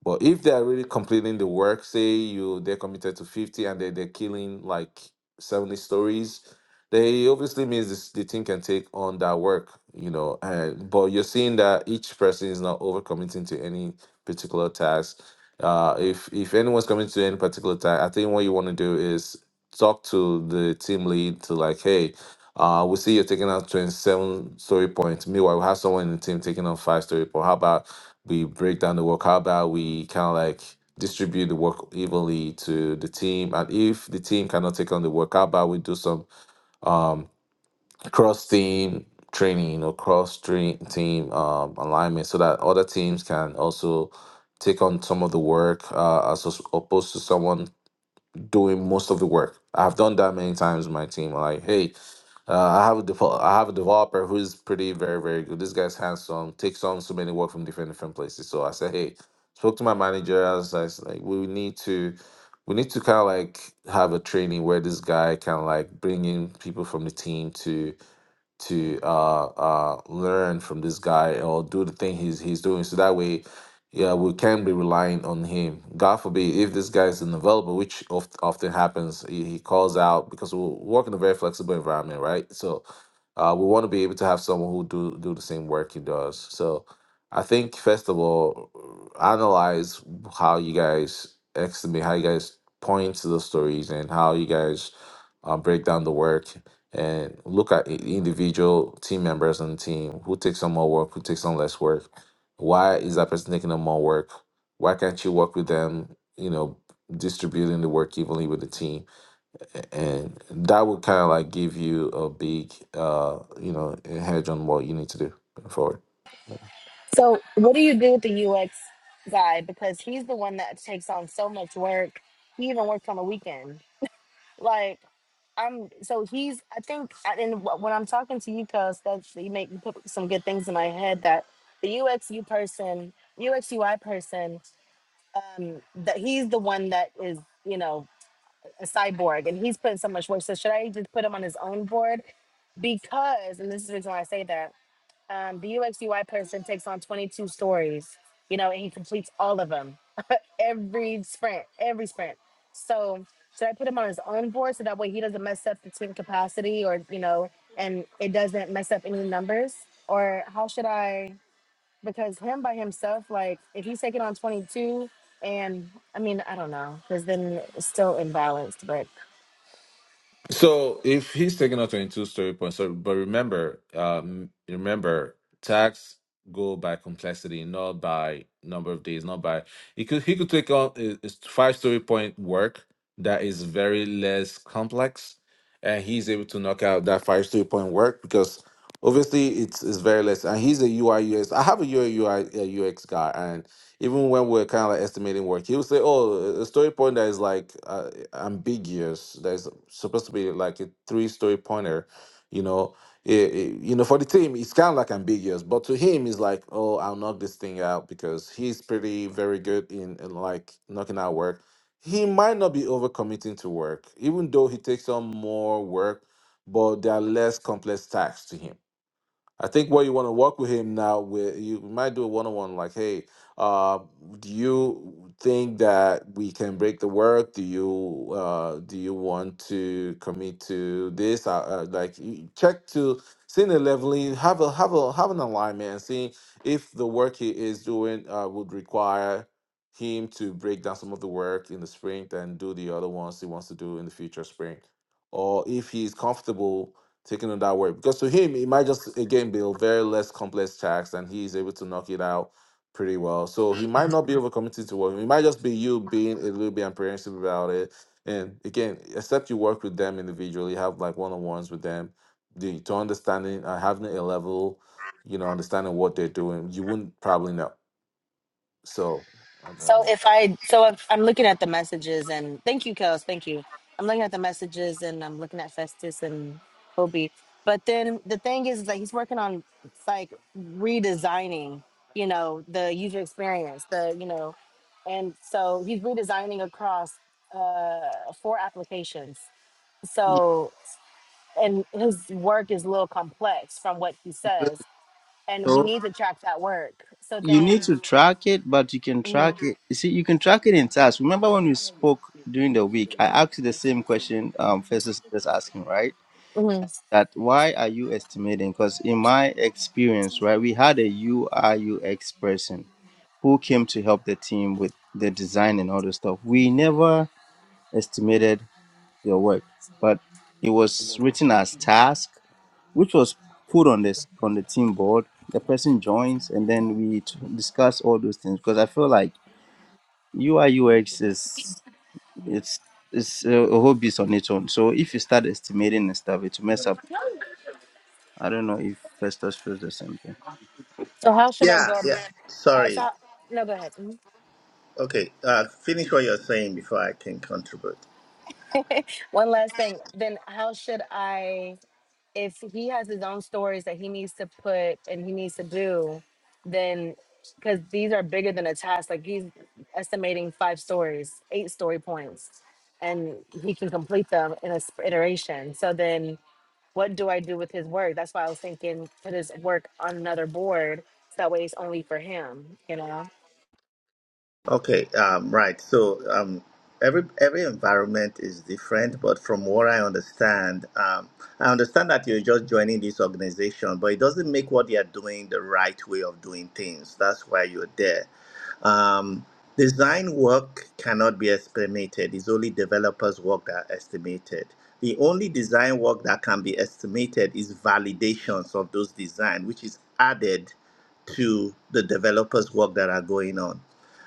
Speaker 4: but if they are really completing the work, say you they're committed to 50 and they they're killing like 70 stories, they obviously means this, the team can take on that work, you know. And but you're seeing that each person is not overcommitting to any particular task. Uh, if if anyone's committing to any particular task, I think what you want to do is talk to the team lead to like, hey, uh, we see you taking out 27 story points. Meanwhile, we have someone in the team taking on five story points. How about we break down the work? How about we kind of like distribute the work evenly to the team? And if the team cannot take on the work, how about we do some cross team training or cross train team um, alignment so that other teams can also take on some of the work uh, as opposed to someone doing most of the work. I've done that many times with my team. Like, hey, uh, I have a default. I have a developer who is pretty very very good. This guy's handsome. Takes on so many work from different different places. So I said, hey, spoke to my manager. I was like, like, we need to, we need to kind of like have a training where this guy can like bring in people from the team to to uh, uh, learn from this guy or do the thing he's he's doing. So that way, yeah, we can be relying on him. God forbid if this guy is unavailable, which oft, often happens, he, he calls out because we work in a very flexible environment, right? So uh, we want to be able to have someone who do do the same work he does. So I think first of all, analyze how you guys estimate, how you guys point to the stories, and how you guys uh, break down the work and look at i- individual team members on the team who takes on more work, who takes on less work. Why is that person taking on more work? Why can't you work with them? You know, distributing the work evenly with the team, A- and that would kind of like give you a big, uh, you know, a hedge on what you need to do going forward.
Speaker 3: So, what do you do with the UX guy? Because he's the one that takes on so much work. He even works on the weekend. Like, I'm so he's. I think, I- and wh- when I'm talking to you, cause that's you make you put some good things in my head that the UXU person, UXUI person, um, that he's the one that is, you know, a cyborg, and he's putting so much work. So should I just put him on his own board? Because, and this is the reason why I say that Um, the UXUI person takes on 22 stories, you know, and he completes all of them [LAUGHS] every sprint, every sprint. So should I put him on his own board so that way he doesn't mess up the team capacity or, you know, and it doesn't mess up any numbers? Or how should I, because him by himself, like if he's taking on 22 and I mean, I don't know, because then it's still imbalanced, but
Speaker 4: So if he's taking out 22 story points, so but remember, um, remember tax go by complexity, not by number of days, not by he could he could take on a, a five story point work that is very less complex, and he's able to knock out that five story point work because obviously it's it's very less, and he's a UI UX. I have a UI uh, UX guy, even when we're kind of like estimating work, he would say, "Oh, a story point that is like uh, ambiguous, that is supposed to be like a three-story pointer, you know." It, it- you know, for the team, it's kind of like ambiguous, but to him, it's like, "Oh, I'll knock this thing out," because he's pretty very good in, in like knocking out work. He might not be overcommitting to work, even though he takes on more work, but there are less complex tasks to him I think where you want to work with him now, where you might do a one on one, like, hey, uh, do you think that we can break the work? Do you uh, do you want to commit to this? Uh, uh, like, you check to see the leveling, have a have a have an alignment, and see if the work he is doing uh, would require him to break down some of the work in the spring, then do the other ones he wants to do in the future spring, or if he's comfortable taking on that way. Because to him, it might just again be a very less complex task, and he is able to knock it out pretty well. So he might not be overcommitted to work. It might just be you being a little bit apprehensive about it. And again, except you work with them individually, have like one on ones with them, the to understanding uh, having a level, you know, understanding what they're doing, you wouldn't probably know. So.
Speaker 3: So if I so if I'm looking at the messages and thank you, Kels, thank you. I'm looking at the messages and I'm looking at Festus and Kobe. But then the thing is, is that he's working on like redesigning, you know, the user experience, the you know, and so he's redesigning across uh, four applications. So and his work is a little complex from what he says, and we
Speaker 1: So
Speaker 3: need to track that work. So
Speaker 1: you need
Speaker 3: then.
Speaker 1: to track it, but you can track
Speaker 3: mhm,
Speaker 1: it. You see, you can track it in tasks. Remember when we spoke during the week, I asked you the same question um, Festus is asking, right?
Speaker 3: mhm.
Speaker 1: that why are you estimating? Because in my experience, right, we had a UI UX person who came to help the team with the design and all the stuff. We never estimated their work, but it was written as task, which was put on this on the team board. The person joins, and then we t- discuss all those things because I feel like UI UX is it's it's a a whole beast on its own. So if you start estimating and stuff, it will mess up I don't know if Festus feels the same thing.
Speaker 3: So how should I
Speaker 5: Yeah,
Speaker 3: go?
Speaker 5: yeah.
Speaker 3: Uh,
Speaker 5: Sorry.
Speaker 3: so, how- no, go ahead. Mhm.
Speaker 5: Okay, uh, finish what you're saying before I can contribute.
Speaker 3: [LAUGHS] One last thing. Then, how should I, if he has his own stories that he needs to put and he needs to do, then because these are bigger than a task, like he's estimating five stories, eight story points, and he can complete them in a sp- iteration. So then, what do I do with his work? That's why I was thinking put his work on another board. So that way, it's only for him. You know.
Speaker 5: Okay, um, right. So um, every every environment is different, but from what I understand, um, I understand that you're just joining this organization, but it doesn't make what they are doing the right way of doing things. That's why you're there. Um, design work cannot be estimated. It's only developers' work that are estimated. The only design work that can be estimated is validations of those design, which is added to the developers' work that are going on.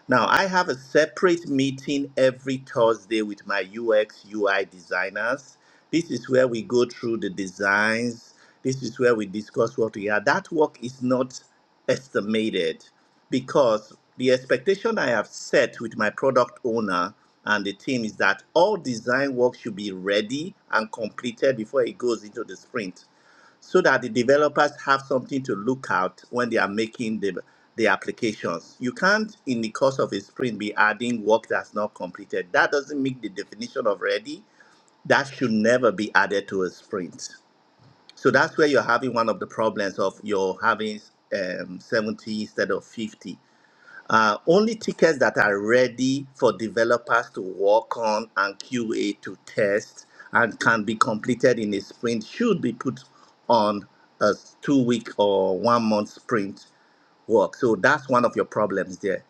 Speaker 5: Now, I have a separate meeting every Thursday with my UX UI designers. This is where we go through the designs. This is where we discuss what we are. That work is not estimated because the expectation I have set with my product owner and the team is that all design work should be ready and completed before it goes into the sprint so that the developers have something to look at when they are making the, the applications. You can't, in the course of a sprint, be adding work that's not completed. That doesn't make the definition of ready. That should never be added to a sprint. So that's where you're having one of the problems of you're having um, 70 instead of 50 uh, only tickets that are ready for developers to work on and QA to test and can be completed in a sprint should be put on a two week or one month sprint work. So that's one of your problems there.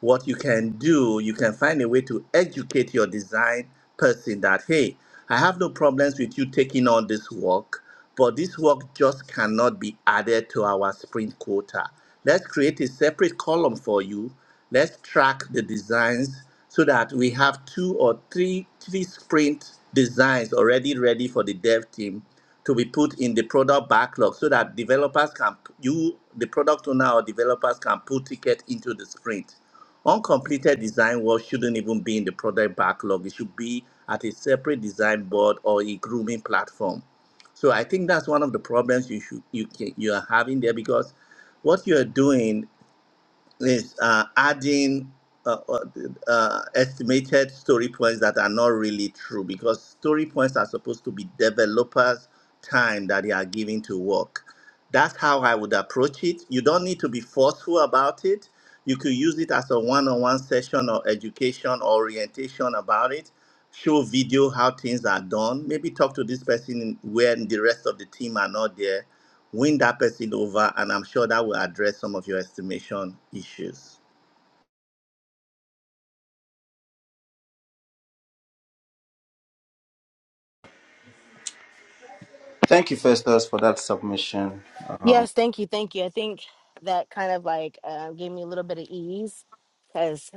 Speaker 5: What you can do, you can find a way to educate your design person that, hey, I have no problems with you taking on this work, but this work just cannot be added to our sprint quota. Let's create a separate column for you. Let's track the designs so that we have two or three three sprint designs already ready for the dev team to be put in the product backlog so that developers can you the product owner or developers can put ticket into the sprint uncompleted design work shouldn't even be in the product backlog it should be at a separate design board or a grooming platform so i think that's one of the problems you should you can, you are having there because what you're doing is uh, adding uh, uh, uh, estimated story points that are not really true because story points are supposed to be developers' time that they are giving to work. That's how I would approach it. You don't need to be forceful about it. You could use it as a one on one session or education or orientation about it. Show video how things are done. Maybe talk to this person when the rest of the team are not there win that person over, and I'm sure that will address some of your estimation issues.
Speaker 1: Thank you, Festus, for that submission. Um,
Speaker 3: Yes, thank you, thank you. I think that kind of like uh, gave me a little bit of ease because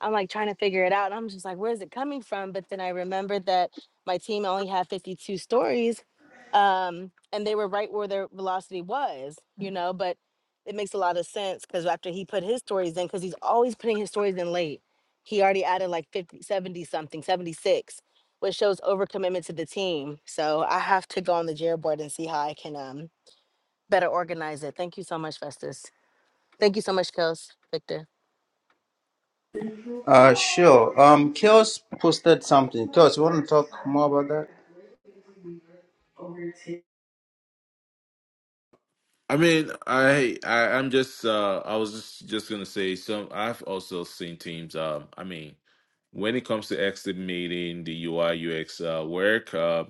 Speaker 3: I'm like trying to figure it out. And I'm just like, where is it coming from? But then I remembered that my team only had 52 stories um, and they were right where their velocity was, you know. But it makes a lot of sense because after he put his stories in, because he's always putting his stories in late, he already added like 50, 70 something, 76, which shows overcommitment to the team. So I have to go on the Jira board and see how I can. um better organize it. Thank you so much, Festus. Thank you so much, Kels, Victor.
Speaker 1: uh, sure. Um, Chaos posted something. Chaos, you want to talk more about that?
Speaker 4: I mean, I, I I'm just uh I was just just gonna say some I've also seen teams um I mean when it comes to estimating the UI UX uh, work uh,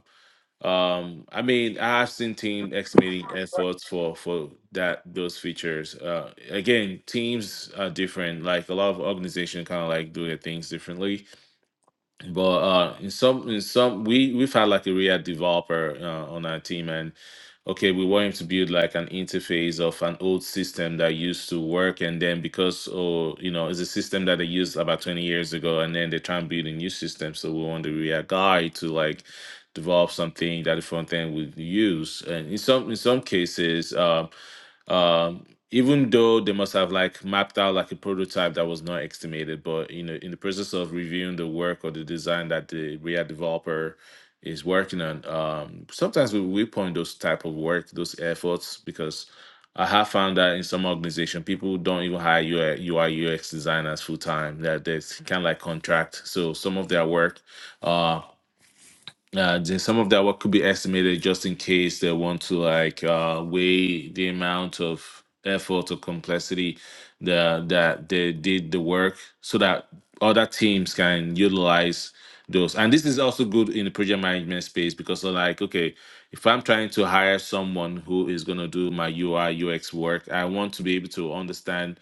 Speaker 4: um I mean I've seen team estimating efforts for for that those features uh again teams are different like a lot of organizations kind of like do their things differently but uh in some in some we we've had like a react developer uh, on our team and okay we want him to build like an interface of an old system that used to work and then because oh you know it's a system that they used about 20 years ago and then they try and build a new system so we want the react guy to like develop something that the front end would use and in some in some cases um, um even though they must have like mapped out like a prototype that was not estimated but you know in the process of reviewing the work or the design that the react developer is working on um sometimes we, we point those type of work those efforts because i have found that in some organization people don't even hire ui ux designers full-time that they kind of like contract so some of their work uh, uh, then some of that work could be estimated just in case they want to like uh, weigh the amount of effort or complexity the, that they did the work so that other teams can utilize those. And this is also good in the project management space because they're like, okay, if I'm trying to hire someone who is going to do my UI, UX work, I want to be able to understand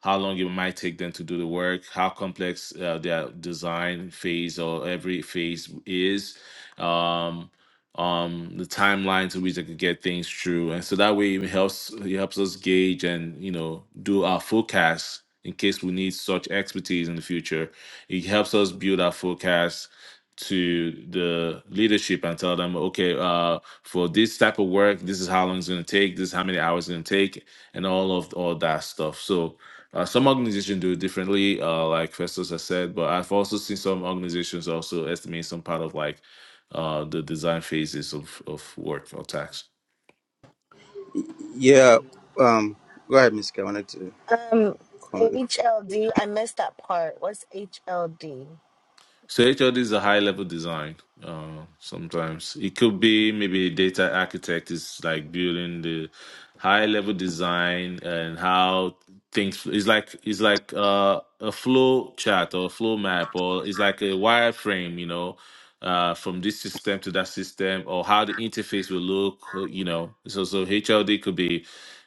Speaker 4: how long it might take them to do the work, how complex uh, their design phase or every phase is um, um, the timelines in which I could get things through, and so that way it helps it helps us gauge and you know do our forecasts in case we need such expertise in the future. It helps us build our forecasts to the leadership and tell them, okay, uh, for this type of work, this is how long it's going to take, this is how many hours it's going to take, and all of all that stuff. So uh, some organizations do it differently, uh, like Festus has said, but I've also seen some organizations also estimate some part of like uh, the design phases of, of work or tax.
Speaker 1: Yeah. Um, go ahead, Miss. K, I wanted to
Speaker 3: Um,
Speaker 1: comment.
Speaker 3: HLD, I missed that part. What's HLD?
Speaker 4: So HLD is a high level design. Uh, sometimes it could be maybe a data architect is like building the high level design and how things is like it's like uh, a flow chart or a flow map or it's like a wireframe, you know, uh, from this system to that system or how the interface will look, uh, you know. So so HLD could be.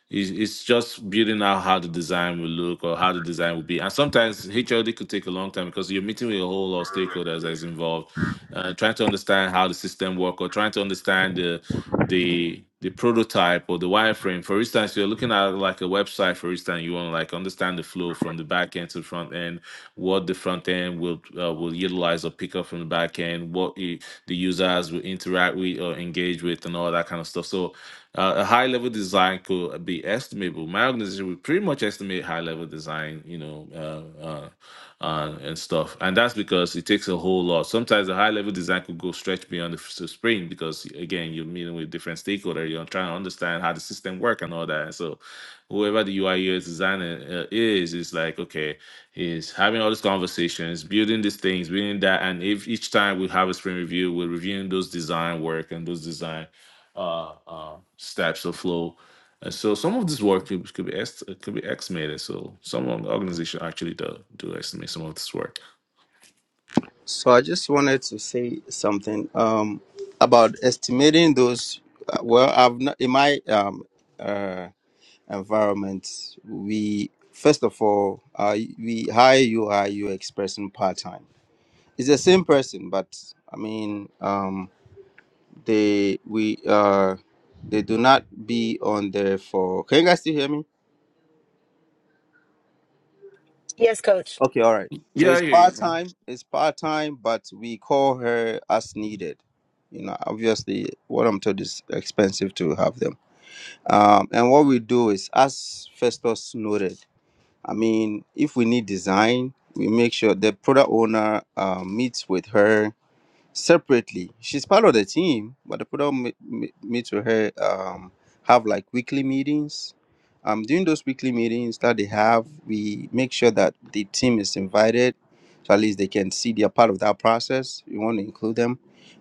Speaker 4: It's, it's just building out how the design will look or how the design will be. And sometimes HLD could take a long time because you're meeting with a whole lot of stakeholders that's involved, uh, trying to understand how the system work or trying to understand the the the prototype or the wireframe. For instance, you're looking at like a website, for instance, you want to like understand the flow from the back end to the front end, what the front end will uh, will utilize or pick up from the back end, what i- the users will interact with or engage with and all that kind of stuff. So uh, a high level design could be estimable. My organization would pretty much estimate high level design, you know, uh, uh, uh, and stuff. And that's because it takes a whole lot. Sometimes a high level design could go stretch beyond the f- spring because, again, you're meeting with different stakeholders. You're trying to understand how the system work and all that. And so, whoever the UI designer uh, is, is like, okay, is having all these conversations, building these things, building that, and if each time we have a sprint review, we're reviewing those design work and those design uh, uh, stature of flow. And so some of this work could, could be est- could be estimated. So some of the organization actually do, do estimate some of this work.
Speaker 1: So I just wanted to say something um, about estimating those. uh, Well, I've not, in my um, uh, environment, we first of all uh, we hire you, hire you expressing part time. It's the same person, but I mean um, they we uh, they do not be on there for. Can you guys still hear me?
Speaker 3: Yes, coach.
Speaker 1: Okay, all right. So
Speaker 4: Yeah, I
Speaker 1: it's
Speaker 4: hear you,
Speaker 1: part
Speaker 4: man.
Speaker 1: time. It's part time, but we call her as needed. You know, obviously, what I'm told is expensive to have them. Um, and what we do is, as Festus noted, I mean, if we need design, we make sure the product owner uh, meets with her separately. She's part of the team, but the product me, me, me to her um, have like weekly meetings. Um, during those weekly meetings that they have, we make sure that the team is invited, so at least they can see they are part of that process. We want to include them.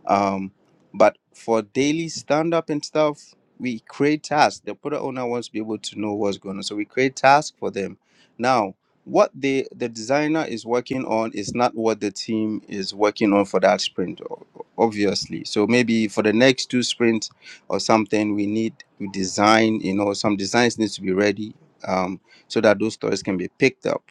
Speaker 1: Um, but for daily stand up and stuff, we create tasks. The product owner wants to be able to know what's going on, so we create tasks for them. Now what the the designer is working on is not what the team is working on for that sprint o- obviously so maybe for the next two sprints or something we need to design you know some designs needs to be ready um, so that those stories can be picked up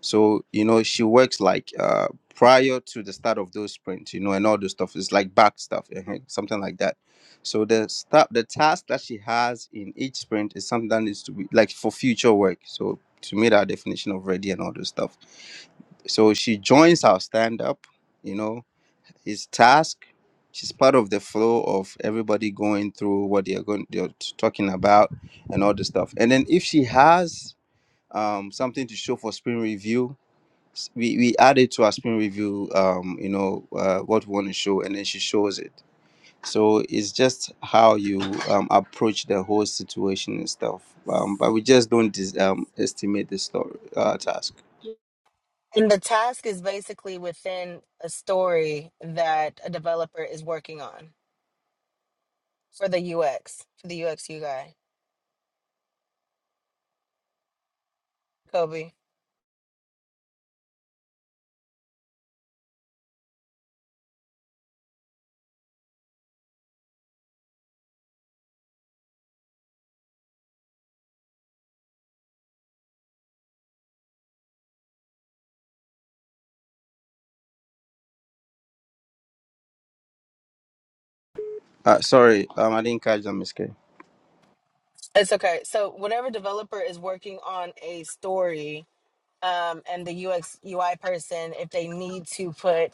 Speaker 1: so you know she works like uh, prior to the start of those sprints you know and all the stuff is like back stuff uh-huh, something like that so the stuff the task that she has in each sprint is something that needs to be like for future work so she made our definition of ready and all this stuff. So she joins our stand up, you know, it's task. She's part of the flow of everybody going through what they're going they're t- talking about and all this stuff. And then if she has um, something to show for spring review, s- we, we add it to our spring review, um, you know, uh, what we want to show, and then she shows it. So it's just how you um, approach the whole situation and stuff. Um, but we just don't dis- um, estimate the story uh, task.
Speaker 3: And the task is basically within a story that a developer is working on for the UX, for the UX you guy, Kobe.
Speaker 1: Uh, sorry, um, I didn't catch that, Miss K.
Speaker 3: It's okay. So whenever developer is working on a story, um, and the UX UI person, if they need to put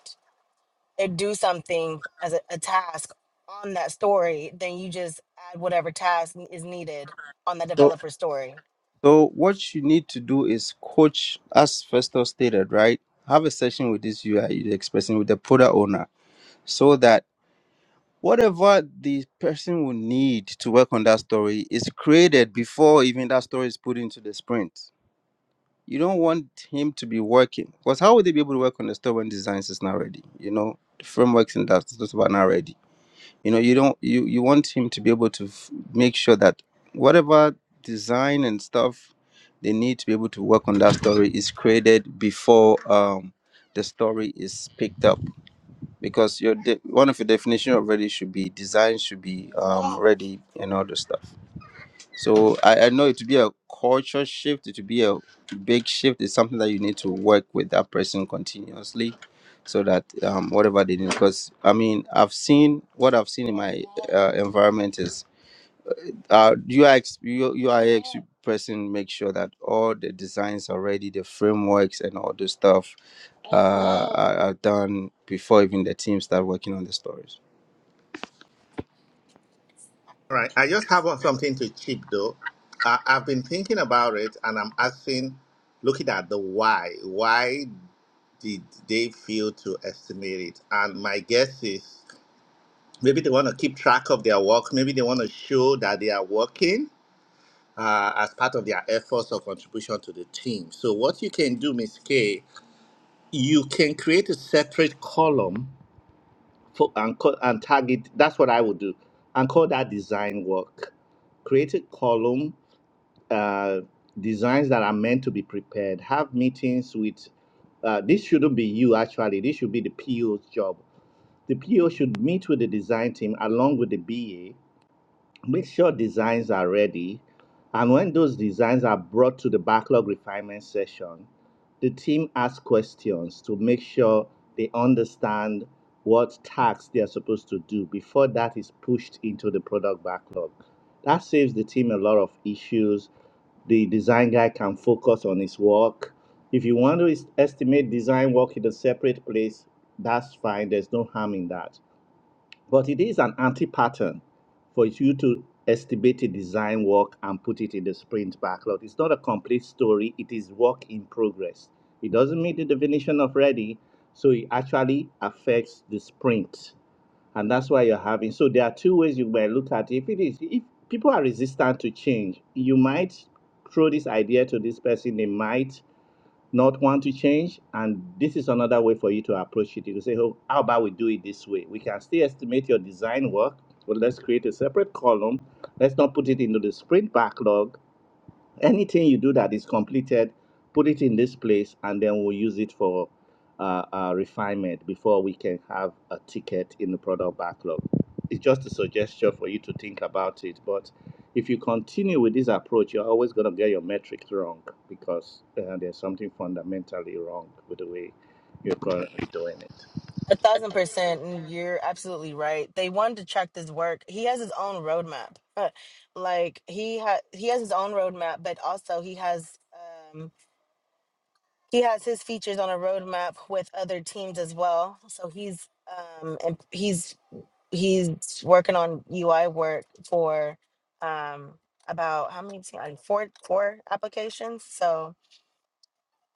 Speaker 3: or do something as a, a task on that story, then you just add whatever task n- is needed on that
Speaker 1: So,
Speaker 3: developer story.
Speaker 1: so what you need to do is coach, as Festo stated, right? Have a session with this UI you're expressing with the product owner, so that whatever the person will need to work on that story is created before even that story is put into the sprint. You don't want him to be working because how would they be able to work on the story when designs is not ready? You know, the frameworks and that's just about not ready. you know you don't you you want him to be able to f- make sure that whatever design and stuff they need to be able to work on that story is created before um the story is picked up because your de- one of your definition already should be design should be um ready and all the stuff so I, I know it to be a culture shift, it to be a big shift. It's something that you need to work with that person continuously so that um, whatever they need. Because I mean, I've seen what I've seen in my uh, environment is uh, UX, U- UIX person make sure that all the designs are ready, the frameworks and all the stuff uh, are, are done before even the team start working on the stories.
Speaker 5: All right, I just have something to chip though. I, I've been thinking about it, and I'm asking, looking at the why. Why did they fail to estimate it? And my guess is maybe they want to keep track of their work. Maybe they want to show that they are working. Uh, as part of their efforts or contribution to the team. So, what you can do, Miss K, you can create a separate column fo- and call and target that's what i would do and call that design work create a column uh, designs that are meant to be prepared have meetings with uh, this shouldn't be you actually this should be the po's job the po should meet with the design team along with the ba Make sure designs are ready. And when those designs are brought to the backlog refinement session, the team asks questions to make sure they understand what tasks they are supposed to do before that is pushed into the product backlog. That saves the team a lot of issues. The design guy can focus on his work. If you want to es- estimate design work in a separate place, that's fine. There's no harm in that. But it is an anti-pattern for you to estimate a design work and put it in the sprint backlog. It's not a complete story. It is work in progress. It doesn't meet the definition of ready, so it actually affects the sprint, and that's why you're having. So there are two ways you might look at it. If it is, if people are resistant to change, you might throw this idea to this person. They might not want to change. And this is another way for you to approach it. You can say, oh, how about we do it this way? We can still estimate your design work, but let's create a separate column. Let's not put it into the sprint backlog anything you do that is completed, put it in this place, and then we'll use it for uh, uh, refinement before we can have a ticket in the product backlog. It's just a suggestion for you to think about it. But if you continue with this approach, you're always going to get your metrics wrong because uh, there's something fundamentally wrong with the way you're currently doing it.
Speaker 3: A thousand percent, and you're absolutely right. They wanted to track this work. He has his own roadmap. Uh, like he ha- he has his own roadmap, but also he has um, he has his features on a roadmap with other teams as well. So he's um, and he's he's working on UI work for um about how many like four four applications. So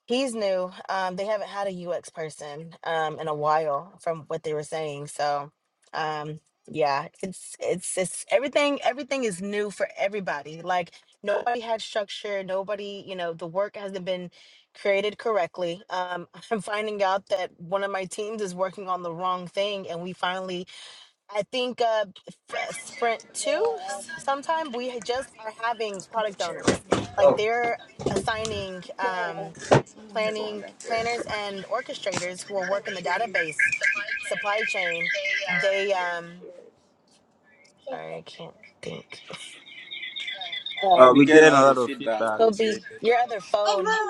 Speaker 3: he's new. Um they haven't had a UX person um in a while from what they were saying. So um yeah, it's it's it's everything everything is new for everybody. Like nobody had structure, nobody, you know, the work hasn't been created correctly. Um [LAUGHS] I'm finding out that one of my teams is working on the wrong thing and we finally I think uh, f- uh, Sprint two s-
Speaker 6: Let's
Speaker 3: sometime we had just are having
Speaker 6: put the
Speaker 3: product
Speaker 6: chair back.
Speaker 3: owners like
Speaker 6: Oh,
Speaker 3: they're assigning
Speaker 6: Oh.
Speaker 3: um, planning planners and orchestrators who are working the database supply chain. They um, sorry, I can't think. [LAUGHS]
Speaker 6: uh,
Speaker 1: Uh,
Speaker 3: Um,
Speaker 6: we
Speaker 1: we
Speaker 6: get a
Speaker 1: get a
Speaker 6: lot
Speaker 1: lot
Speaker 6: of
Speaker 1: of
Speaker 6: feedback,
Speaker 1: feedback,
Speaker 6: Miss K.
Speaker 3: Kobe,
Speaker 1: Mr.
Speaker 3: your other phone,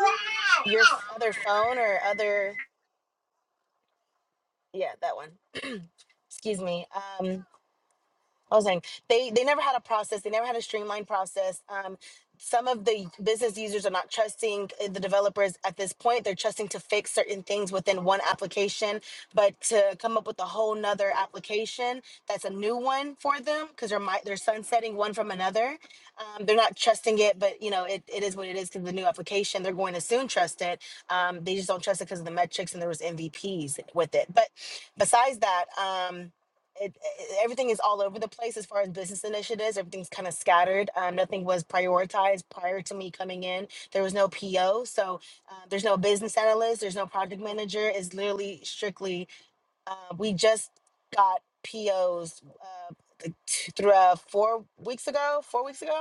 Speaker 3: your f- other phone or other yeah that one. [CLEARS THROAT] Excuse me. Um. I was saying they they never had a process. They never had a streamlined process. Um, some of the business users are not trusting uh, the developers at this point. They're trusting to fix certain things within one application, but to come up with a whole nother application that's a new one for them because they're mi- they're sunsetting one from another. Um, they're not trusting it, but you know it, it is what it is because the new application they're going to soon trust it. Um, they just don't trust it because of the metrics and there was MVPs with it. But besides that. Um, it, it- everything is all over the place as far as business initiatives. Everything's kind of scattered. Um, nothing was prioritized prior to me coming in. There was no PO, so uh, there's no business analyst. There's no project manager. It's literally strictly. Uh, we just got POs uh, like t- through uh, four weeks ago. Four weeks ago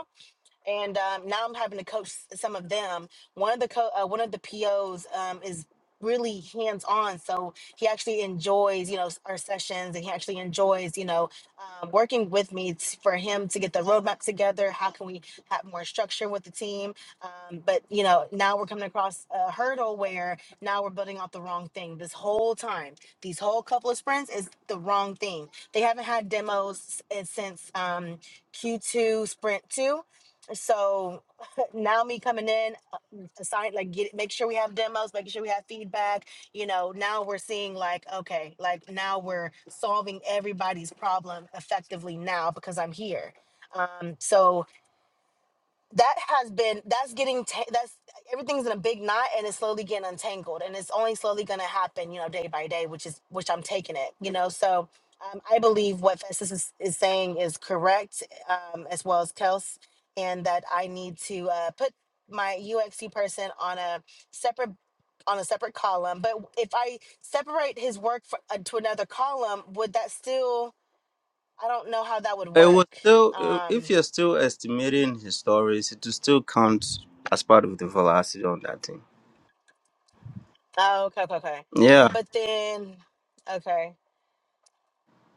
Speaker 3: and um, now I'm having to coach some of them. One of the co- uh, one of the POs um, is really hands on, so he actually enjoys you know s- our sessions, and he actually enjoys you know um, working with me t- for him to get the roadmap together. How can we have more structure with the team? Um, but you know now we're coming across a hurdle where now we're building out the wrong thing. This whole time, these whole couple of sprints is the wrong thing. They haven't had demos s- since um, Q2 sprint two so [LAUGHS] now me coming in uh, assign like get make sure we have demos making sure we have feedback you know now we're seeing like okay like now we're solving everybody's problem effectively now because i'm here um so that has been that's getting ta- that's everything's in a big knot and it's slowly getting untangled and it's only slowly going to happen you know day by day which is which i'm taking it you know so um, i believe what festus is, is saying is correct um, as well as kels and that i need to uh, put my uxc person on a separate on a separate column but if i separate his work for, uh, to another column would that still i don't know how that would
Speaker 1: It
Speaker 3: work
Speaker 1: was still,
Speaker 3: Um,
Speaker 1: if you're still estimating his stories, it will still count as part of the velocity on that thing.
Speaker 3: Oh, okay, okay, okay.
Speaker 1: Yeah,
Speaker 3: But then, okay,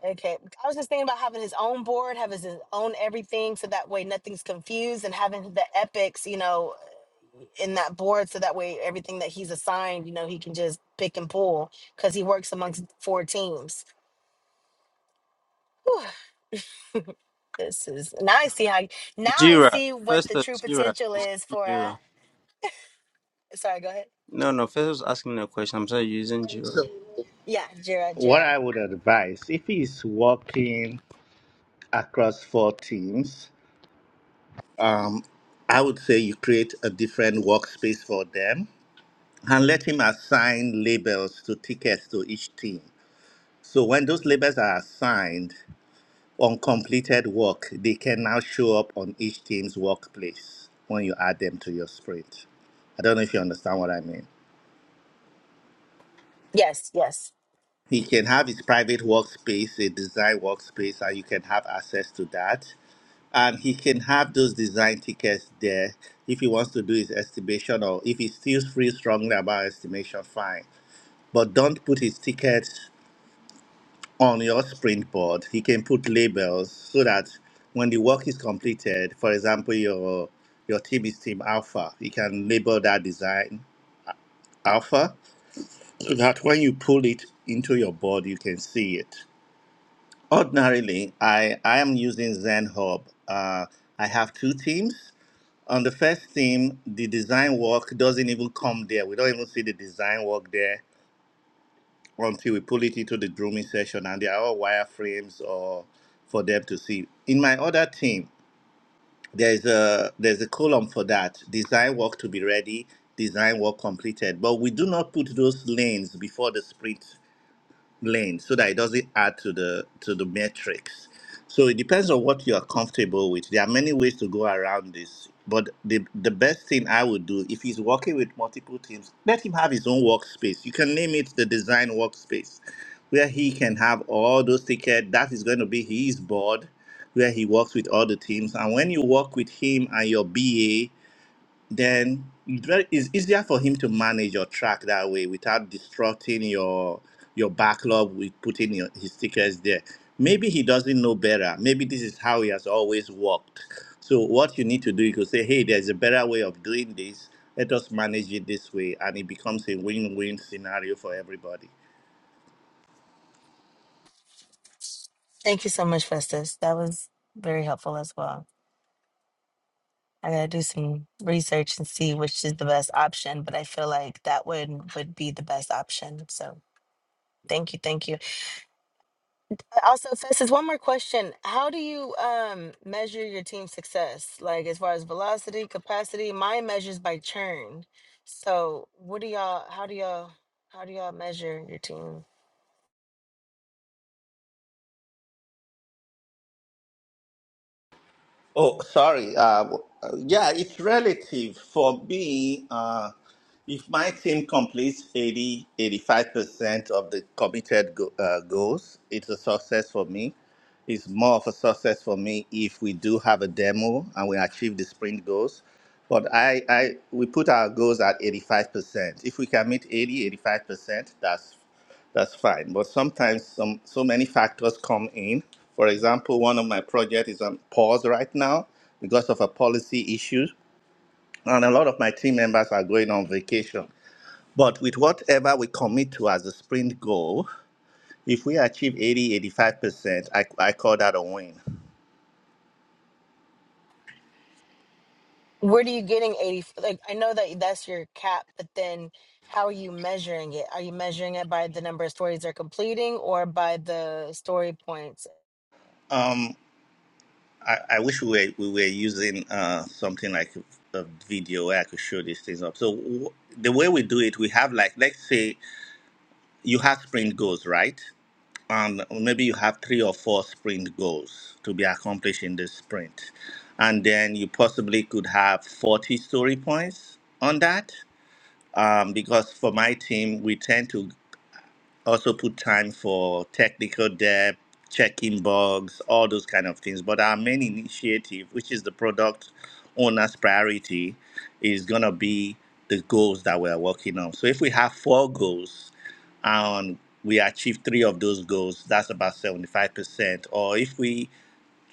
Speaker 3: okay. I was just thinking about having his own board, having his own everything, so that way nothing's confused, and having the epics, you know, in that board, so that way everything that he's assigned, you know, he can just pick and pull because he works amongst four teams. Whew, this is now I see how now I
Speaker 1: Jira.
Speaker 3: see what the
Speaker 1: Festus,
Speaker 3: true
Speaker 1: Jira.
Speaker 3: potential
Speaker 1: It's
Speaker 3: is for a.
Speaker 1: Jira.
Speaker 3: Sorry, go ahead.
Speaker 1: No, no, Festus was asking me a question. I'm sorry, using Jira.
Speaker 5: So,
Speaker 3: Yeah, Jira,
Speaker 5: what
Speaker 3: Jira.
Speaker 5: I would advise if he's working across four teams, um, I would say you create a different workspace for them and let him assign labels to tickets to each team. So when those labels are assigned on completed work, they can now show up on each team's workplace when you add them to your sprint. I don't know if you understand what I mean.
Speaker 3: Yes, yes.
Speaker 5: He can have his private workspace, a design workspace, and you can have access to that. and he can have those design tickets there if he wants to do his estimation or if he still feels strongly about estimation fine but don't put his tickets on your sprint board he can put labels so that when the work is completed for example your your team is team alpha you can label that design alpha so that when you pull it into your board you can see it ordinarily i i am using zen hub uh, i have two teams On the first team, the design work doesn't even come there. We don't even see the design work there until we pull it into the grooming session, and they are all wireframes or for them to see. In my other team, there's a there's a column for that design work to be ready, design work completed. But we do not put those lanes before the sprint lane so that it doesn't add to the to the matrix. So it depends on what you are comfortable with. There are many ways to go around this, but the the best thing I would do if he's working with multiple teams, let him have his own workspace. You can name it the design workspace, where he can have all those tickets. That is going to be his board, where he works with all the teams. And when you work with him and your BA then it's very- it's easier for him to manage your track that way without disrupting your your backlog with putting your, his stickers there. Maybe he doesn't know better. Maybe this is how he has always worked. So what you need to do, you could say, hey, there's a better way of doing this. Let us manage it this way, and it becomes a win-win scenario for everybody.
Speaker 3: Thank you so much, Festus. That was very helpful as well. I gotta do some research and see which is the best option, but I feel like that would would be the best option. So thank you, thank you. Uh, Also, Festus, one more question: How do you um measure your team's success? Like as far as velocity, capacity, mine measures by churn. So what do y'all? How do y'all? How do y'all measure your team?
Speaker 5: Oh, sorry. Uh, w- uh, yeah, it's relative. For me, uh, if my team completes eighty, eighty-five percent of the committed go- uh, goals, it's a success for me. It's more of a success for me if we do have a demo and we achieve the sprint goals. But I, I, we put our goals at 85%. If we can meet 80, eighty-five percent that's that's fine. But sometimes some so many factors come in. For example, one of my project is on pause right now because of a policy issue, and a lot of my team members are going on vacation. But with whatever we commit to as a sprint goal, if we achieve eighty, eighty-five percent I, I call that a win.
Speaker 3: Where do you getting 80? Like, I know that that's your cap, but then how are you measuring it? Are you measuring it by the number of stories they're completing or by the story points?
Speaker 5: Um, I, I wish we were, we were using uh, something like a video where I could show these things up. So w- the way we do it, we have like, let's say you have sprint goals, right? um, maybe you have three or four sprint goals to be accomplished in this sprint. And then you possibly could have 40 story points on that. Um, because for my team, we tend to also put time for technical debt, checking bugs, all those kind of things. But our main initiative, which is the product owner's priority, is gonna be the goals that we are working on. So if we have four goals and we achieve three of those goals, that's about 75%. Or if we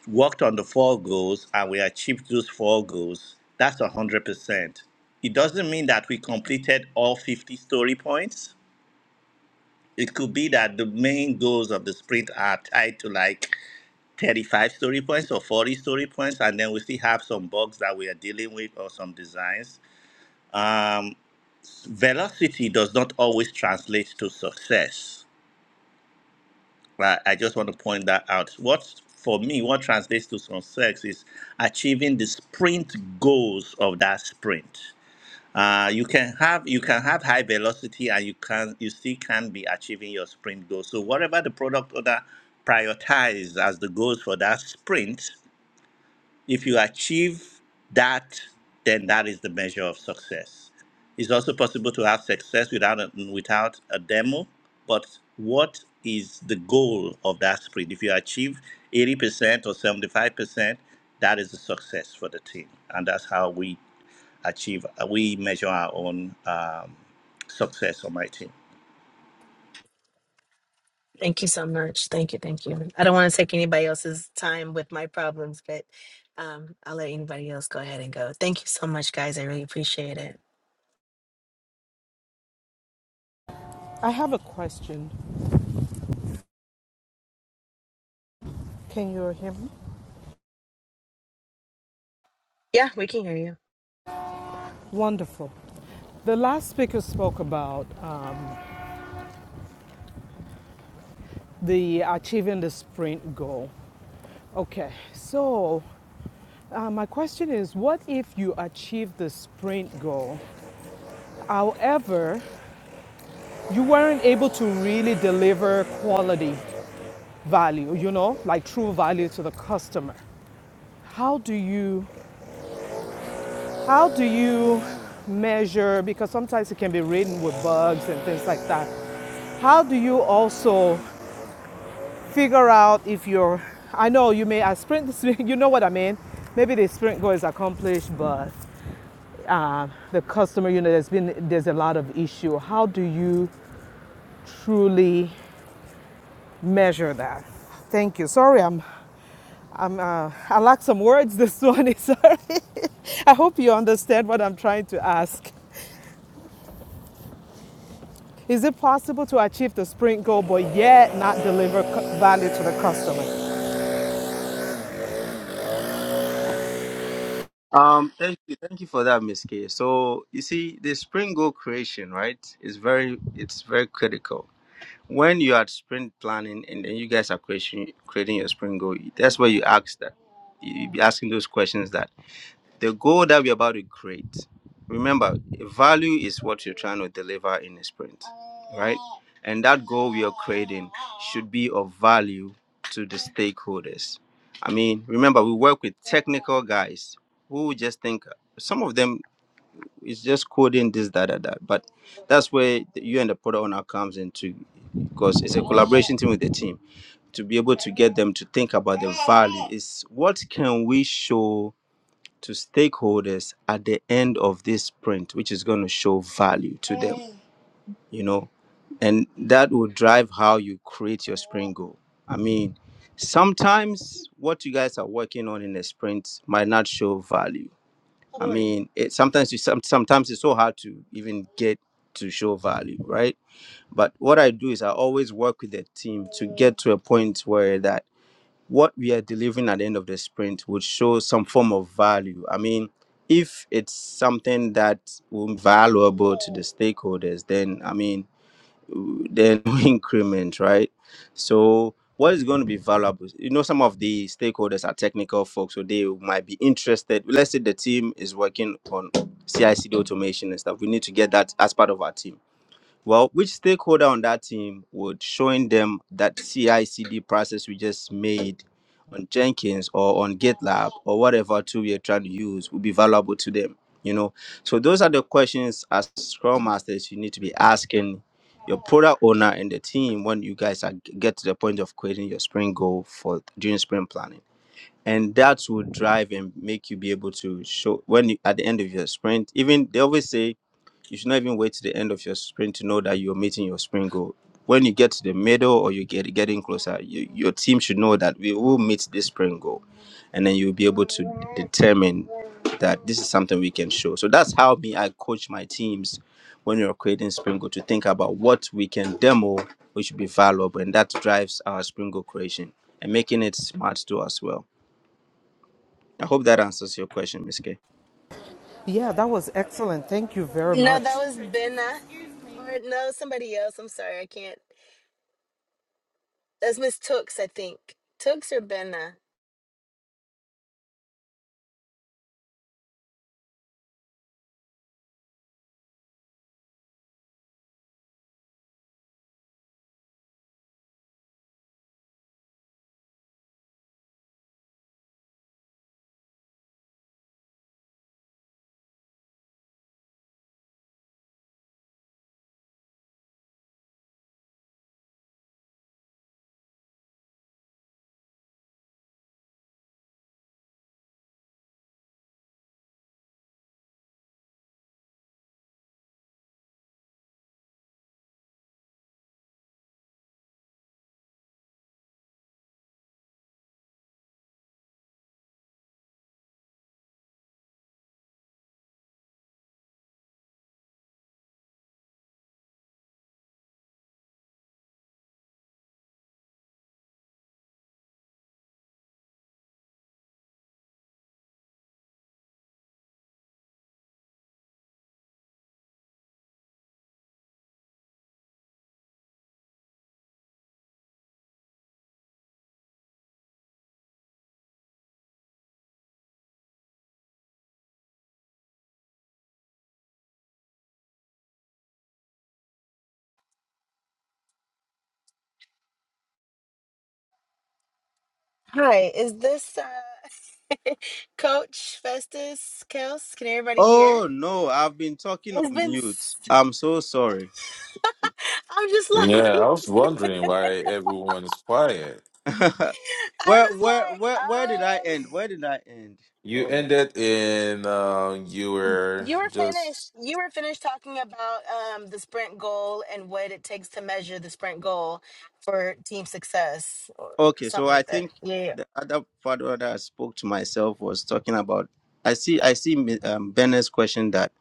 Speaker 5: worked on the four goals and we achieved those four goals, that's 100%. It doesn't mean that we completed all 50 story points, it could be that the main goals of the sprint are tied to like 35 story points or 40 story points, and then we still have some bugs that we are dealing with or some designs. Um, velocity does not always translate to success. Right? I just want to point that out. What for me, what translates to success is achieving the sprint goals of that sprint. Uh, you can have you can have high velocity and you can you still can be achieving your sprint goal. So whatever the product owner prioritizes as the goals for that sprint, if you achieve that, then that is the measure of success. It's also possible to have success without a, without a demo, but what is the goal of that sprint? If you achieve 80% or 75%, that is a success for the team. And that's how we achieve, uh, we measure our own um, success on my team.
Speaker 3: Thank you so much. Thank you. Thank you. I don't want to take anybody else's time with my problems, but um, I'll let anybody else go ahead and go. Thank you so much, guys. I really appreciate it.
Speaker 7: I have a question. Can you hear me?
Speaker 3: Yeah, we can hear you.
Speaker 7: Wonderful. The last speaker spoke about um, the achieving the sprint goal. Okay, so uh, my question is what if you achieve the sprint goal? However, you weren't able to really deliver quality value, you know, like true value to the customer. How do you How do you measure? Because sometimes it can be ridden with bugs and things like that. How do you also figure out if you're? I know you may I sprint [LAUGHS] you know what I mean. Maybe the sprint goal is accomplished, but uh, the customer, you know, there's been there's a lot of issue. How do you truly measure that? Thank you. Sorry, I'm I'm uh, I lack some words this morning. Sorry. [LAUGHS] I hope you understand what I'm trying to ask. Is it possible to achieve the sprint goal but yet not deliver value to the customer?
Speaker 1: Um, thank you, thank you for that, Miss K. So you see, the Spring Goal creation, right, is very, it's very critical. When you are sprint planning and then you guys are creation, creating your Spring Goal, that's where you ask that. You you be asking those questions that the goal that we're about to create remember value is what you're trying to deliver in a sprint right and that goal we are creating should be of value to the stakeholders i mean remember we work with technical guys who just think some of them is just coding this that that, that. but that's where the- you and the product owner comes into because it's a collaboration team with the team to be able to get them to think about the value is what can we show to stakeholders at the end of this sprint, which is going to show value to them, you know, and that will drive how you create your sprint goal. I mean, sometimes what you guys are working on in a sprint might not show value. I mean, it, sometimes you some, sometimes it's so hard to even get to show value, right? But what I do is I always work with the team to get to a point where that what we are delivering at the end of the sprint would show some form of value. I mean, if it's something that will be valuable to the stakeholders, then I mean, w- then [LAUGHS] we increment, right? So what is going to be valuable? You know, some of the stakeholders are technical folks, so they might be interested. Let's say the team is working on CICD automation and stuff. We need to get that as part of our team well, which stakeholder on that team would showing them that CI/CD process we just made on Jenkins or on GitLab or whatever tool we are trying to use would be valuable to them? You know, so those are the questions as Scrum Masters you need to be asking your product owner and the team when you guys are, get to the point of creating your sprint goal for during sprint planning. And that will drive and make you be able to show when you, at the end of your sprint. Even they always say you should not even wait to the end of your sprint to know that you're meeting your sprint goal. When you get to the middle or you get getting closer, you, your team should know that we will meet this sprint goal, and then you'll be able to determine that this is something we can show. So that's how me I coach my teams when you're creating sprint goal to think about what we can demo, which should be valuable, and that drives our sprint goal creation and making it smart too as well. I hope that answers your question, Miss K.
Speaker 7: Yeah, that was excellent. Thank you very
Speaker 3: No, that
Speaker 7: much.
Speaker 3: was Benna. Or no, somebody else. I'm sorry, I can't. That's Miss Tooks, I think. Tooks or Benna? Hi, is this uh, Coach Festus Kels? Can everybody hear?
Speaker 1: Oh no, I've been talking on
Speaker 3: It's been.
Speaker 1: mute.
Speaker 3: s-
Speaker 1: I'm so sorry.
Speaker 3: [LAUGHS] I'm just like, [LAUGHS]
Speaker 4: Yeah, I was wondering why everyone is quiet.
Speaker 1: [LAUGHS]
Speaker 3: I
Speaker 1: where
Speaker 3: was
Speaker 1: where
Speaker 3: like,
Speaker 1: where where did I
Speaker 3: um,
Speaker 1: end? Where did I end?
Speaker 4: You
Speaker 1: Oh no.
Speaker 4: ended in um, you were
Speaker 3: you were
Speaker 4: just
Speaker 3: finished. You were finished talking about um the sprint goal and what it takes to measure the sprint goal for team success or
Speaker 1: Okay, so
Speaker 3: something
Speaker 1: I
Speaker 3: like that.
Speaker 1: think
Speaker 3: Yeah, yeah.
Speaker 1: the other part where I spoke to myself was talking about. I see. I see. Mi- Um, Bennett's question that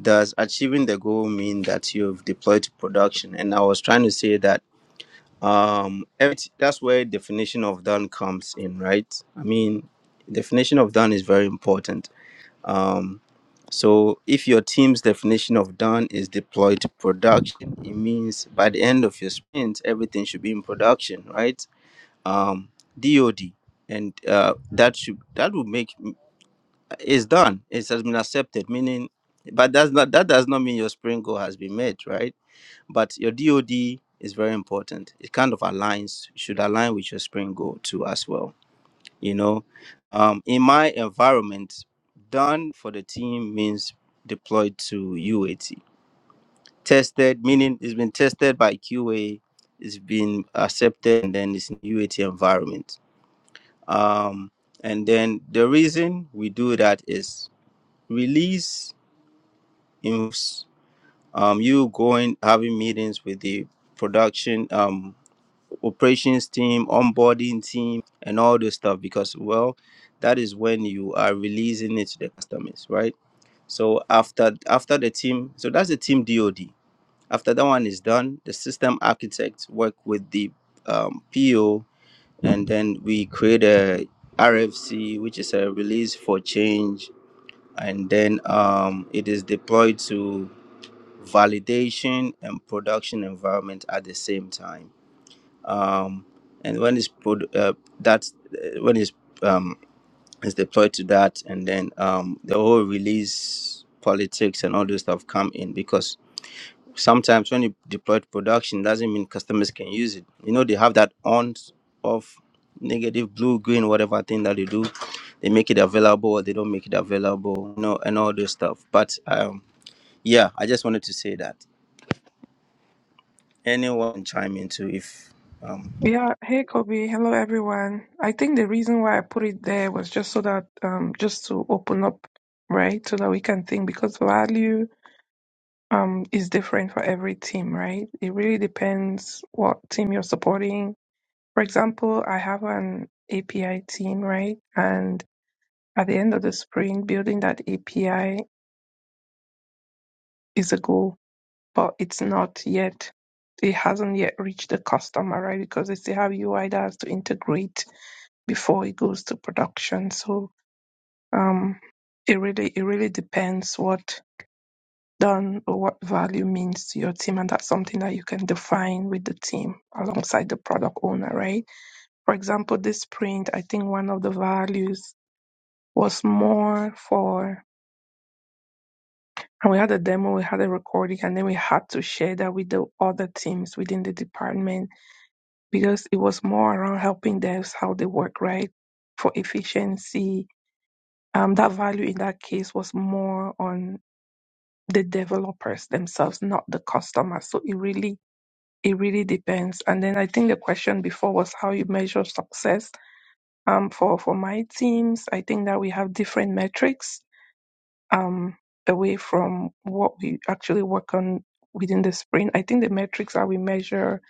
Speaker 1: does achieving the goal mean that you've deployed to production? And I was trying to say that um, every- that's where definition of done comes in, right? I mean, definition of done is very important Um, so if your team's definition of done is deployed to production, it means by the end of your sprint, everything should be in production, right? Um, DOD, and uh, that should that would make it's done. It has been accepted, meaning, but that's not that does not mean your sprint goal has been met, right? But your DOD is very important. It kind of aligns should align with your sprint goal too as well you know um, in my environment done for the team means deployed to uat tested meaning it's been tested by qa it's been accepted and then it's in uat environment um, and then the reason we do that is release involves um, you going having meetings with the production Um, operations team, onboarding team, and all those stuff because, well, that is when you are releasing it to the customers, right? So after after the team, so that's the team DoD. After that one is done, the system architects work with the um, PO, and then we create a RFC, which is a release for change, and then um, it is deployed to validation and production environment at the same time um, and when it's put uh, that uh, when it's um, is deployed to that, and then um, the whole release politics and all those stuff come in because sometimes when you deploy to production doesn't mean customers can use it. You know they have that on off negative blue green whatever thing that they do they make it available or they don't make it available you know and all this stuff but um yeah i just wanted to say that anyone chime into if um
Speaker 8: Yeah, hey Kobe, hello everyone. I think the reason why I put it there was just so that um just to open up, right? So that we can think because value um is different for every team, right? It really depends what team you're supporting. For example, I have an API team, right? And at the end of the sprint, building that API is a goal, but it's not yet it hasn't yet reached the customer, right? Because they still have UI that has to integrate before it goes to production. So um, it really it really depends what done or what value means to your team, and that's something that you can define with the team alongside the product owner, right? For example, this sprint, I think one of the values was more for and we had a demo, we had a recording, and then we had to share that with the other teams within the department because it was more around helping devs how they work, right? For efficiency, Um, that value in that case was more on the developers themselves, not the customer. So it really, it really depends. And then I think the question before was how you measure success. Um, for for my teams, I think that we have different metrics. Um, away from what we actually work on within the sprint. I think the metrics that we measure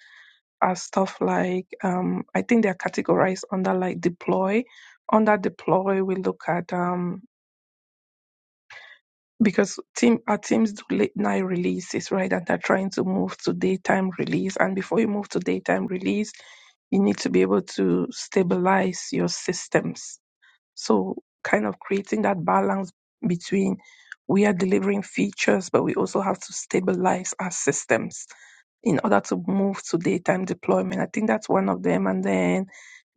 Speaker 8: are stuff like um, I think they are categorized under like deploy. Under deploy, we look at um, because team our teams do late night releases, right? And they're trying to move to daytime release. And before you move to daytime release, you need to be able to stabilize your systems. So kind of creating that balance between we are delivering features, but we also have to stabilize our systems in order to move to daytime deployment. I think that's one of them. And then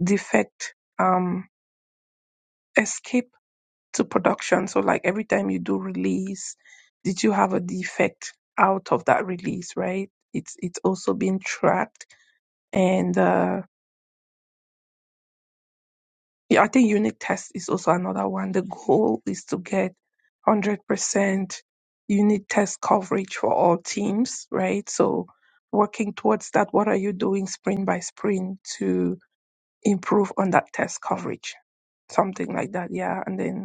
Speaker 8: defect um escape to production. So like every time you do release, did you have a defect out of that release, right? It's it's also being tracked. And uh yeah, I think unit test is also another one. The goal is to get hundred percent unit test coverage for all teams, right? So working towards that, what are you doing sprint by sprint to improve on that test coverage? Something like that, yeah. And then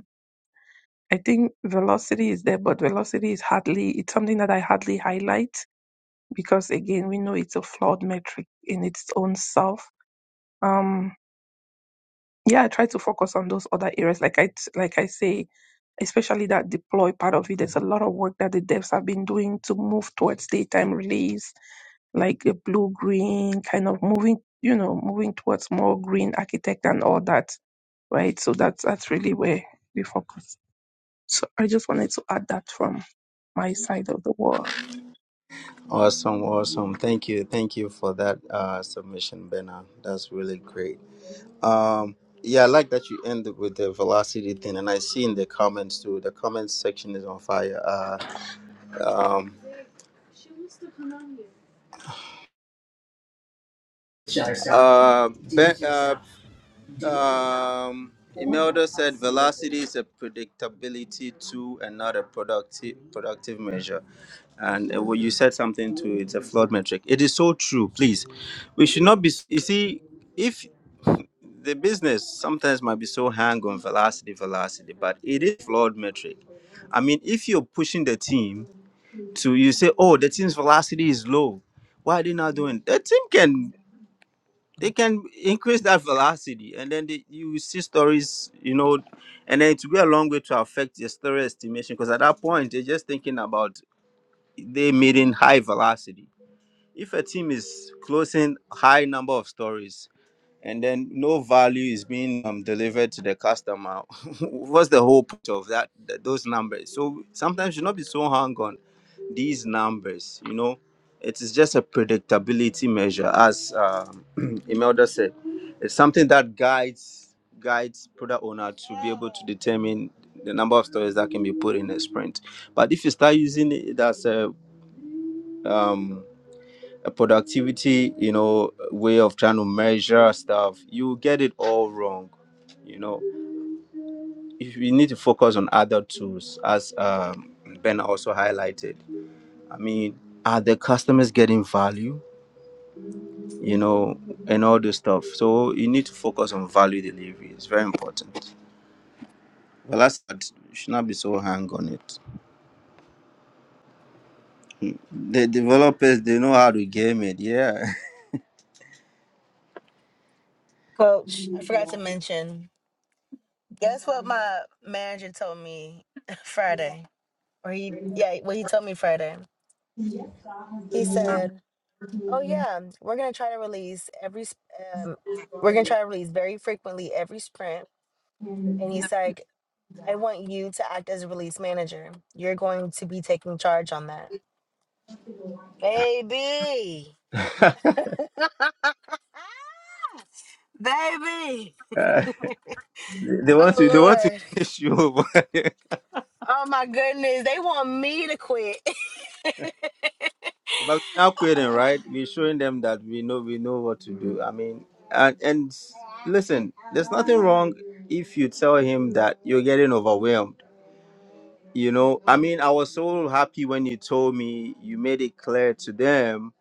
Speaker 8: I think velocity is there, but velocity is hardly, it's something that I hardly highlight because again, we know it's a flawed metric in its own self. Um, yeah, I try to focus on those other areas. Like I, like I say, especially that deploy part of it, there's a lot of work that the devs have been doing to move towards daytime release, like a blue green kind of moving, you know, moving towards more green architect and all that. Right. So that's, that's really where we focus. So I just wanted to add that from my side of the wall.
Speaker 1: Awesome, awesome. Thank you, thank you for that uh, submission, Bena. That's really great. Um, yeah, I like that you ended with the velocity thing, and I see in the comments too. The comments section is on fire. Uh, um, uh, ben, uh, um, Imelda said velocity is a predictability tool and not a productive productive measure. And uh, well, you said something to it's a flawed metric. It is so true. Please, we should not be. You see, if the business sometimes might be so hang on velocity, velocity, but it is flawed metric. I mean, if you're pushing the team to you say, oh, the team's velocity is low, why are they not doing? The team can they can increase that velocity, and then they, you see stories, you know, and then it will go a long way to affect your story estimation because at that point they're just thinking about they meeting high velocity. If a team is closing high number of stories, and then no value is being um, delivered to the customer. [LAUGHS] What's the whole point of that? th- those numbers. So sometimes you not be so hung on these numbers. You know, it is just a predictability measure, as um, [CLEARS THROAT] Imelda said. It's something that guides guides product owner to be able to determine the number of stories that can be put in a sprint. But if you start using it as a um, a productivity, you know, way of trying to measure stuff, you get it all wrong. You know, if you need to focus on other tools, as um, Ben also highlighted. I mean, are the customers getting value? You know, and all this stuff. So you need to focus on value delivery. It's very important. Well, that's but should not be so hang on it. Hmm. The developers they know how to game it. Yeah,
Speaker 3: Coach, I forgot to mention. Guess what my manager told me [LAUGHS] Friday? Or he, yeah, what he told me Friday. He said, "Oh yeah, we're gonna try to release every, sp- um, we're gonna try to release very frequently every sprint." And he's like, "I want you to act as a release manager. You're going to be taking charge on that, baby, baby.
Speaker 1: [LAUGHS] they they
Speaker 3: Oh
Speaker 1: want to they want to
Speaker 3: Lord,
Speaker 1: finish you. [LAUGHS]
Speaker 3: oh my goodness, they want me to quit."
Speaker 1: But we're not quitting, right? We're showing them that we know we know what to do. I mean, and and listen, there's nothing wrong if you tell him that you're getting overwhelmed. You know, I mean, I was so happy when you told me you made it clear to them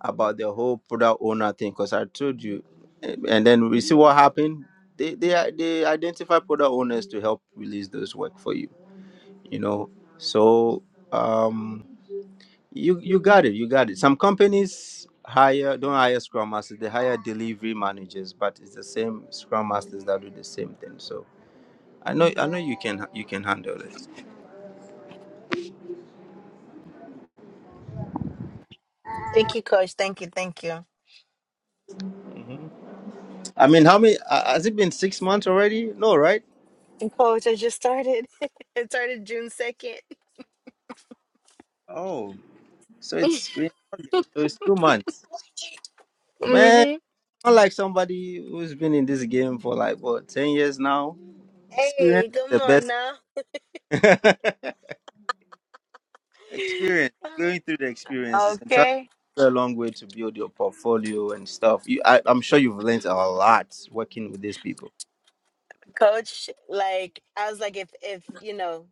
Speaker 1: about the whole product owner thing because I told you, and and then we see what happened. They they they identify product owners to help release those work for you. You know, so um you you got it. You got it. Some companies hire don't hire scrum masters; they hire delivery managers. But it's the same scrum masters that do the same thing. So I know I know you can you can handle it.
Speaker 3: [LAUGHS] thank you, Coach. Thank you, thank you.
Speaker 1: Mhm. I mean, how many uh, has it been? Six months already? No, right?
Speaker 3: [LAUGHS] And Coach, I just started. [LAUGHS] it started June 2nd.
Speaker 1: Oh, so it's been so it's two months. Man,
Speaker 3: Mm-hmm.
Speaker 1: not like somebody who's been in this game for like what ten years now. Experience
Speaker 3: Hey, come
Speaker 1: is
Speaker 3: on
Speaker 1: the
Speaker 3: now.
Speaker 1: best. [LAUGHS] experience going through the experiences and trust
Speaker 3: Okay.
Speaker 1: it's a long way to build your portfolio and stuff you I, i'm sure you've learned a lot working with these people
Speaker 3: Coach, like I was like if if you know.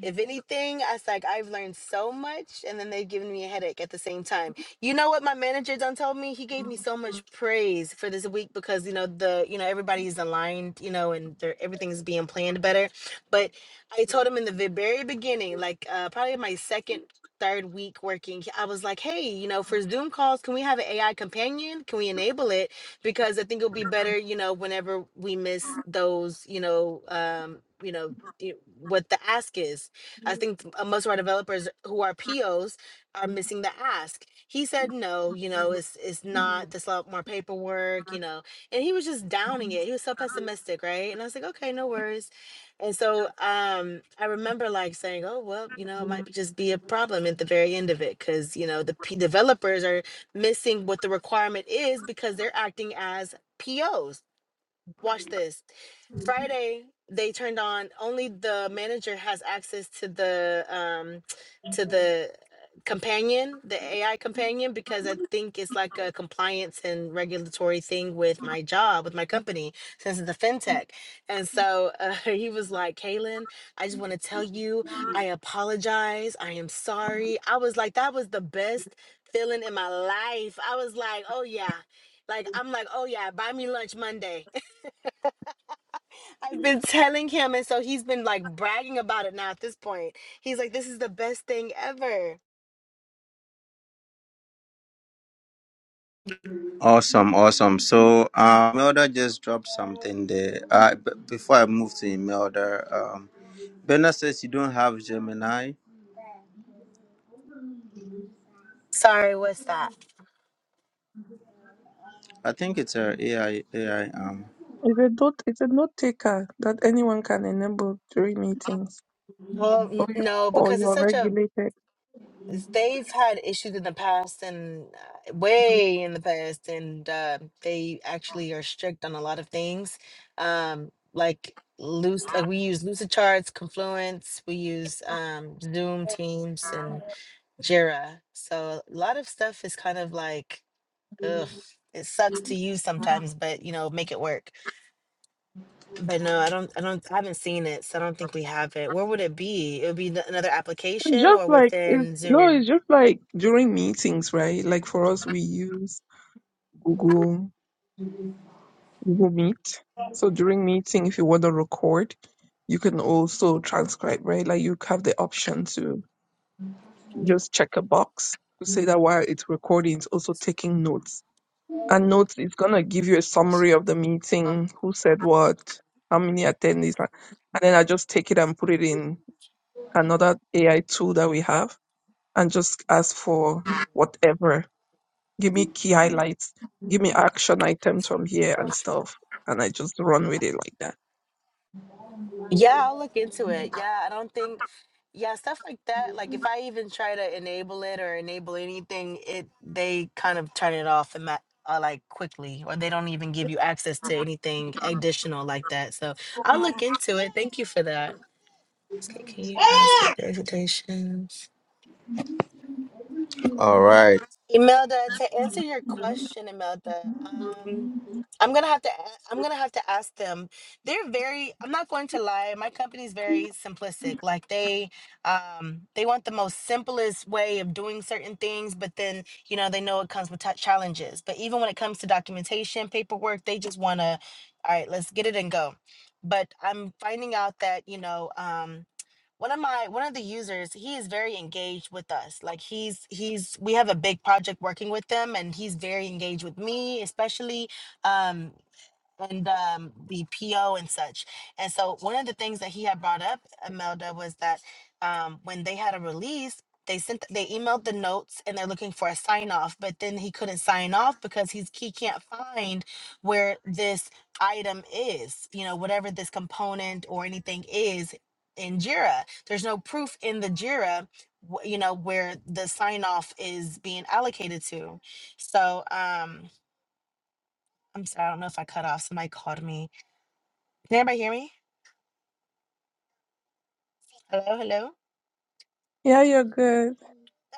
Speaker 3: If anything, I was like, I've learned so much, and then they've given me a headache at the same time. You know what my manager done told me? He gave me so much praise for this week because you know the you know everybody is aligned, you know, and they're- everything is being planned better. But I told him in the ve- very beginning, like uh, probably my second. Third week working, I was like, hey, you know, for Zoom calls, can we have an AI companion? Can we enable it? because I think it'll be better, you know, whenever we miss those, you know, um, you know, i- what the ask is I think uh, most of our developers who are POs are missing the ask. He said no, you know, it's it's not There's a lot more paperwork, you know. And he was just downing it. He was so pessimistic, right? And I was like, okay, no worries. And so um I remember like saying, Oh, well, you know, it might be just be a problem at the very end of it because you know the P- developers are missing what the requirement is because they're acting as POs watch this. Friday they turned on only the manager has access to the um to the uh, companion, the AI companion because I think it's like a compliance and regulatory thing with my job, with my company since it's a fintech. And so uh, [LAUGHS] he was like, "Kaylin, I just want to tell you, I apologize. I am sorry." I was like, that was the best feeling in my life. I was like, "Oh yeah." Like I'm like, "Oh yeah, buy me lunch Monday." I've been telling him, and so he's been like bragging about it now. At this point, he's like, "This is the best thing ever."
Speaker 1: awesome awesome so um melda just dropped something there uh b- before i move to imelda um Bernard says you don't have Gemini.
Speaker 3: Sorry, what's that?
Speaker 1: I think it's her a AI AI um.
Speaker 8: It's a note, it's a note taker that anyone can enable during meetings
Speaker 3: Well,
Speaker 8: or
Speaker 3: n-
Speaker 8: you,
Speaker 3: no,
Speaker 8: or
Speaker 3: because
Speaker 8: you
Speaker 3: it's
Speaker 8: are
Speaker 3: such a.
Speaker 8: regulated.
Speaker 3: They've had issues in the past, and uh, way in the past, and uh, they actually are strict on a lot of things, um, like loose. Like we use Lucid Charts, Confluence, we use um, Zoom, Teams, and Jira. So a lot of stuff is kind of like Ugh, it sucks to use sometimes, but you know, make it work. But no, I don't, I don't, I haven't seen it, so I don't think we have it. Where would it be? It would be the, another
Speaker 8: It's
Speaker 3: application
Speaker 8: just
Speaker 3: or
Speaker 8: like, it's,
Speaker 3: within
Speaker 8: no, it's
Speaker 3: Zoom.
Speaker 8: just like during meetings, right? Like for us, we use Google, Google Meet. So during meeting, if you want to record, you can also transcribe, right? Like you have the option to just check a box to say that while it's recording, it's also taking notes And notes is gonna give you a summary of the meeting, who said what, how many attendees, and and then I just take it and put it in another AI tool that we have and just ask for whatever. Give me key highlights, give me action items from here and stuff. And I just run with it like that.
Speaker 3: Yeah, I'll look into it. Yeah, I don't think, yeah, stuff like that. Like if I even try to enable it or enable anything, it they kind of turn it off and that. Uh, like quickly, or they don't even give you access to anything additional like that. So I'll look into it. Thank you for that. Okay, can you ask what the hesitations?
Speaker 1: All right.
Speaker 3: Imelda, to answer your question, Imelda, um, I'm gonna have to a- I'm gonna have to ask them. They're very I'm not going to lie, my company's very simplistic. Like they um they want the most simplest way of doing certain things, but then you know they know it comes with t- challenges. But even when it comes to documentation, paperwork, they just wanna, all right, let's get it and go. But I'm finding out that, you know, um one of my one of the users he is very engaged with us like he's he's we have a big project working with them and he's very engaged with me especially Um and um, the PO and such. And so one of the things that he had brought up, Imelda, was that um, when they had a release, they sent they emailed the notes and they're looking for a sign off, but then he couldn't sign off because he's he can't find where this item is, you know, whatever this component or anything is in Jira. There's no proof in the Jira, wh- you know, where the sign off is being allocated to. So um I'm sorry, I don't know if I cut off. Somebody called me can anybody hear me? Hello, hello.
Speaker 8: Yeah, you're good.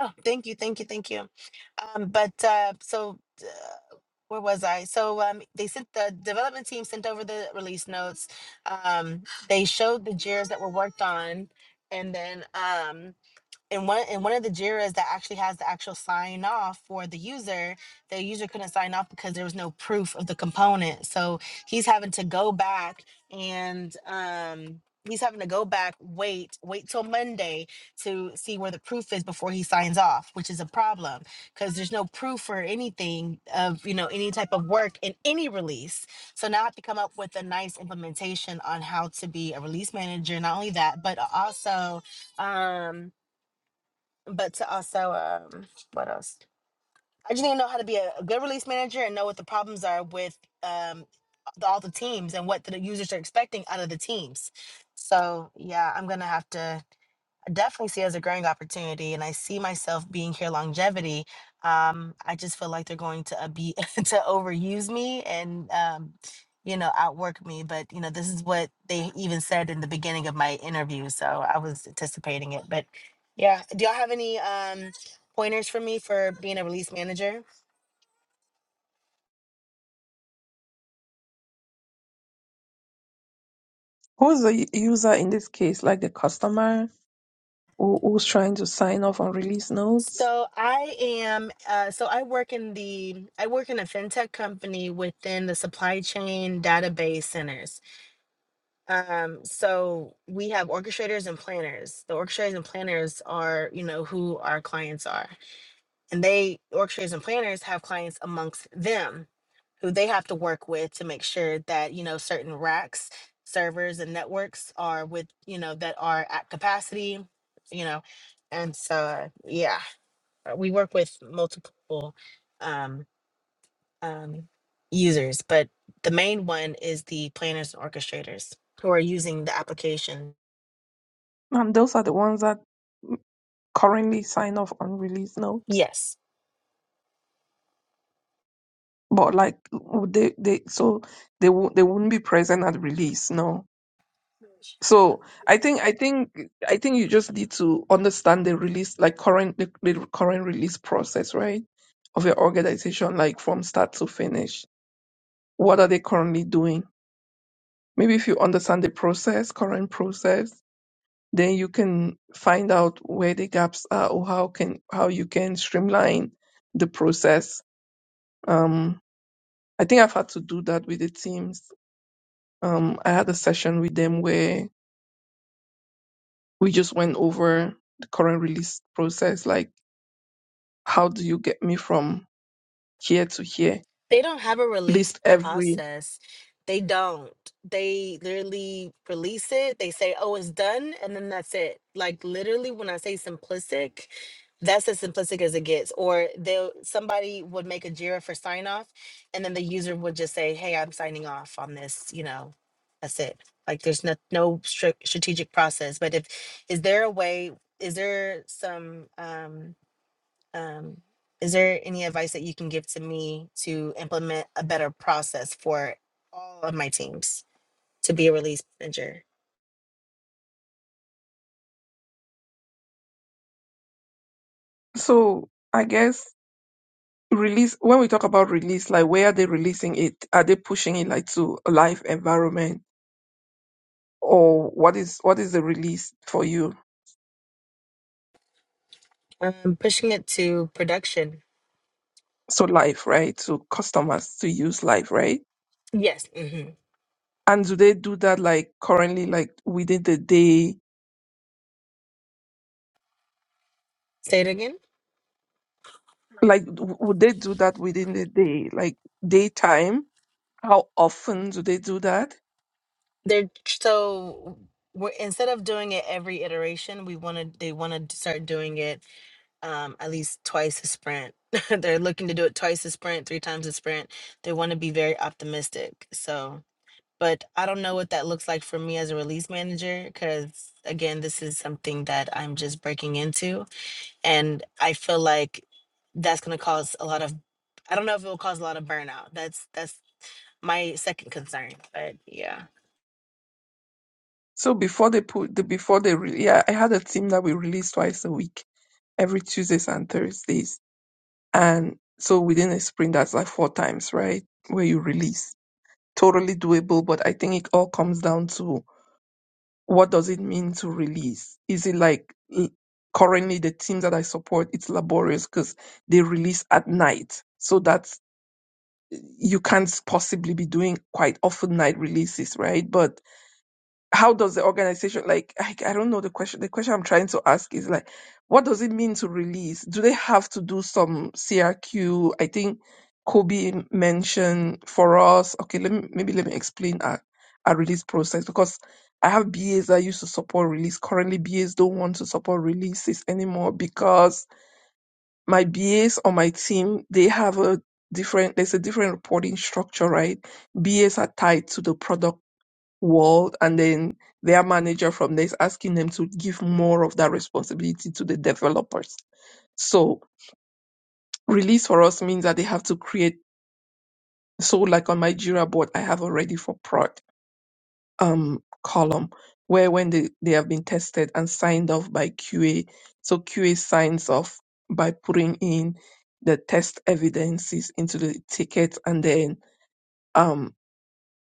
Speaker 3: Oh, thank you, thank you, thank you. Um, but uh, so uh, where was I? So um, they sent the development team sent over the release notes. Um, they showed the jars that were worked on, and then um, in one in one of the JIRAs that actually has the actual sign off for the user, the user couldn't sign off because there was no proof of the component. So he's having to go back and um he's having to go back, wait, wait till Monday to see where the proof is before he signs off, which is a problem because there's no proof for anything of you know any type of work in any release. So now I have to come up with a nice implementation on how to be a release manager. Not only that, but also um but to also um what else i just need to know how to be a, a good release manager and know what the problems are with um the, all the teams and what the users are expecting out of the teams so yeah i'm gonna have to definitely see it as a growing opportunity and I see myself being here longevity. Um, I just feel like they're going to uh, be [LAUGHS] to overuse me and um, you know, outwork me. But you know, this is what they even said in the beginning of my interview. So I was anticipating it. But yeah, do y'all have any um pointers for me for being a release manager?
Speaker 8: Who's the u- user in this case? Like the customer? who, who's trying to sign off on release notes.
Speaker 3: So I am uh, so I work in the I work in a fintech company within the supply chain database centers. Um, so we have orchestrators and planners. The orchestrators and planners are, you know, who our clients are. And they orchestrators and planners have clients amongst them who they have to work with to make sure that, you know, certain racks, servers and networks are with, you know, that are at capacity, you know. And so yeah, uh, we work with multiple um um, users, but the main one is the planners and orchestrators who are using the application.
Speaker 8: And those are the ones that currently sign off on release notes.
Speaker 3: Yes.
Speaker 8: But like would they, they so they wou- they wouldn't be present at release, no. So I think I think I think you just need to understand the release like current the, the current release process, right? Of your organization, like from start to finish. What are they currently doing? Maybe if you understand the process, current process, then you can find out where the gaps are or how can how you can streamline the process. Um, I think I've had to do that with the teams. Um, I had a session with them where we just went over the current release process, like how do you get me from here to here?
Speaker 3: They don't have a release
Speaker 8: List every
Speaker 3: process. They don't. They literally release it. They say, oh, it's done. And then that's it. Like, literally, when I say simplistic, that's as simplistic as it gets. Or they'll somebody would make a JIRA for sign off, and then the user would just say, "Hey, I'm signing off on this." You know, that's it. Like there's no no stri- strategic process. But if is there a way? Is there some? um, um, is there any advice that you can give to me to implement a better process for all of my teams to be a release manager?
Speaker 8: so I guess release when we talk about release, like where are they releasing it? Are they pushing it like to a live environment? Or what is what is the release for you?
Speaker 3: Um, pushing it to production.
Speaker 8: so live, right? So customers to use live, right?
Speaker 3: Yes. hmm
Speaker 8: And do they do that like currently, like within the day?
Speaker 3: Say it again.
Speaker 8: Like, w- would they do that within the day, like daytime? How often do they do that?
Speaker 3: They're so we're, instead of doing it every iteration, we want to they want to start doing it um, at least twice a sprint. [LAUGHS] They're looking to do it twice a sprint, three times a sprint. They want to be very optimistic. So but I don't know what that looks like for me as a release manager because again, this is something that I'm just breaking into, and I feel like that's going to cause a lot of. I don't know if it will cause a lot of burnout. That's that's my second concern, but yeah.
Speaker 8: So before they put the before they re- yeah, I had a team that we released twice a week. every Tuesdays and Thursdays. And so within a sprint, that's like four times, right? Where you release. Totally doable, but I think it all comes down to what does it mean to release? Is it like l- currently the teams that I support, it's laborious because they release at night. So that's, you can't possibly be doing quite often night releases, right? But how does the organization like I, I don't know the question the question i'm trying to ask is like what does it mean to release do they have to do some crq i think kobe mentioned for us okay let me maybe let me explain our, our release process because i have bas that used to support release currently bas don't want to support releases anymore because my bas on my team they have a different there's a different reporting structure right bas are tied to the product world and then their manager from there is asking them to give more of that responsibility to the developers. So release for us means that they have to create so like on my Jira board I have already for prod um column where when they, they have been tested and signed off by QA. So QA signs off by putting in the test evidences into the ticket and then um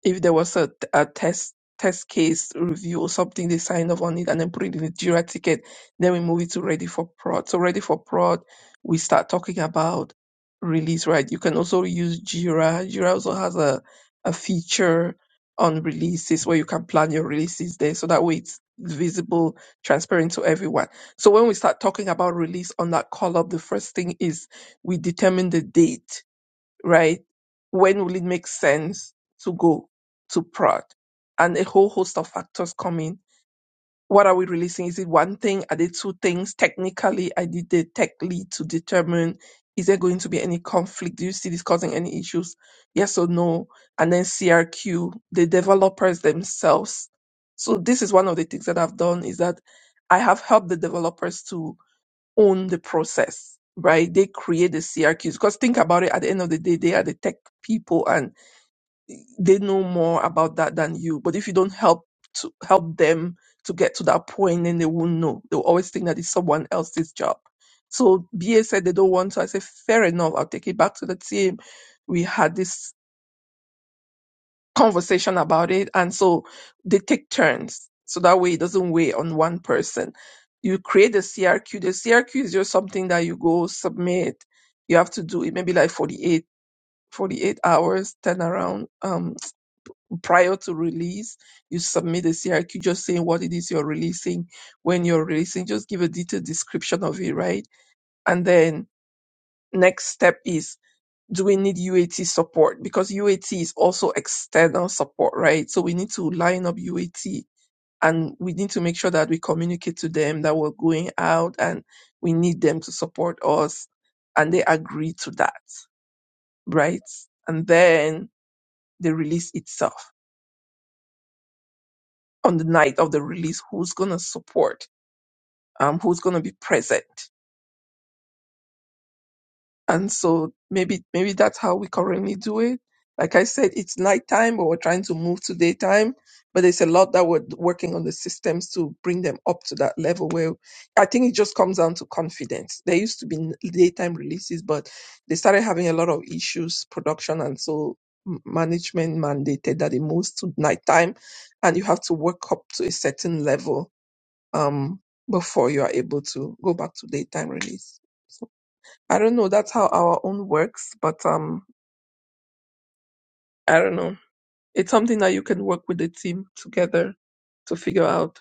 Speaker 8: if there was a, a test test case review or something, they sign off on it and then put it in the Jira ticket. Then we move it to ready for prod. So ready for prod, we start talking about release, right? You can also use Jira. Jira also has a, a feature on releases where you can plan your releases there. So that way it's visible, transparent to everyone. So when we start talking about release on that call up, the first thing is we determine the date right? When will it make sense to go to prod? And a whole host of factors come in. What are we releasing? Is it one thing? Are they two things? Technically, I did the tech lead to determine is there going to be any conflict? Do you see this causing any issues? Yes or no? And then CRQ, the developers themselves. So this is one of the things that I've done is that I have helped the developers to own the process, right? They create the CRQs. Because think about it, at the end of the day, they are the tech people and they know more about that than you. But if you don't help to help them to get to that point, then they won't know. They'll always think that it's someone else's job. So BA said they don't want to. I said, fair enough, I'll take it back to the team. We had this conversation about it. And so they take turns. So that way it doesn't weigh on one person. You create the CRQ. The CRQ is just something that you go submit. You have to do it maybe like 48, 48 hours turnaround um, prior to release. You submit the CRQ just saying what it is you're releasing, when you're releasing, just give a detailed description of it, right? And then next step is do we need UAT support? Because UAT is also external support, right? So we need to line up UAT and we need to make sure that we communicate to them that we're going out and we need them to support us. And they agree to that, right? And then the release itself on the night of the release, who's going to support? Um, who's going to be present? And so maybe maybe that's how we currently do it. Like I said, it's nighttime, but we're trying to move to daytime. But there's a lot that we're working on the systems to bring them up to that level where I think it just comes down to confidence. There used to be n- daytime releases, but they started having a lot of issues, production, and so m- management mandated that it moves to nighttime, and you have to work up to a certain level um, before you are able to go back to daytime release. I don't know. That's how our own works, but um, I don't know. It's something that you can work with the team together to figure out.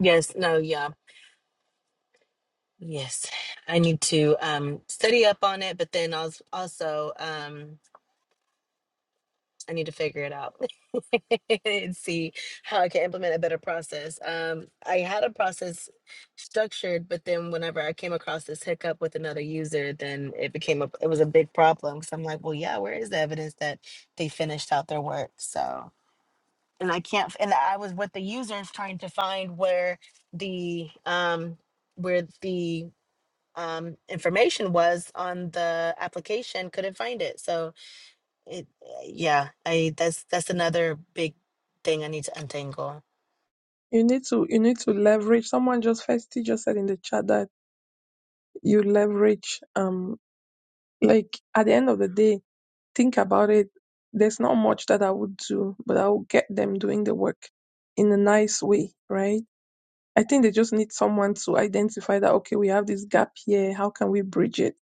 Speaker 3: Yes. No. Yeah. Yes. I need to um study up on it, but then als- also um I need to figure it out [LAUGHS] and see how I can implement a better process. Um, I had a process structured, but then whenever I came across this hiccup with another user, then it became a it was a big problem. So I'm like, well, yeah, where is the evidence that they finished out their work? So and I can't f- and I was with the users trying to find where the um where the um information was on the application, couldn't find it. So it, eh, yeah, I that's that's another big thing I need to untangle.
Speaker 8: You need to you need to leverage. Someone just Festi just said in the chat that you leverage. Um, like at the end of the day, think about it, there's not much that I would do, but I will get them doing the work in a nice way, right? I think they just need someone to identify that, okay, we have this gap here. How can we bridge it?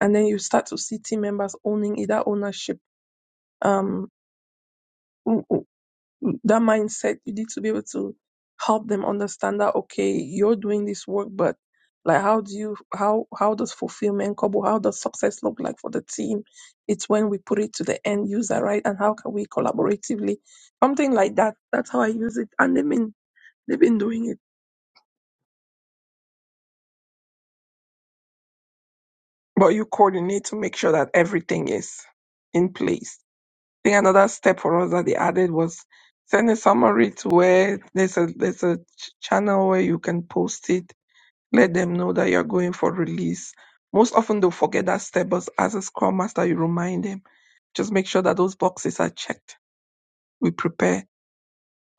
Speaker 8: And then you start to see team members owning it, that ownership. Um, that mindset you need to be able to help them understand that okay you're doing this work but like how do you how how does fulfillment come or how does success look like for the team it's when we put it to the end user right and how can we collaboratively something like that that's how i use it and they've been they've been doing it but you coordinate to make sure that everything is in place i think another step for us that they added was send a summary to where there's a there's a ch- channel where you can post it Let them know that you're going for release. Most often they'll forget that step, but as a scrum master, you remind them. Just make sure that those boxes are checked. We prepare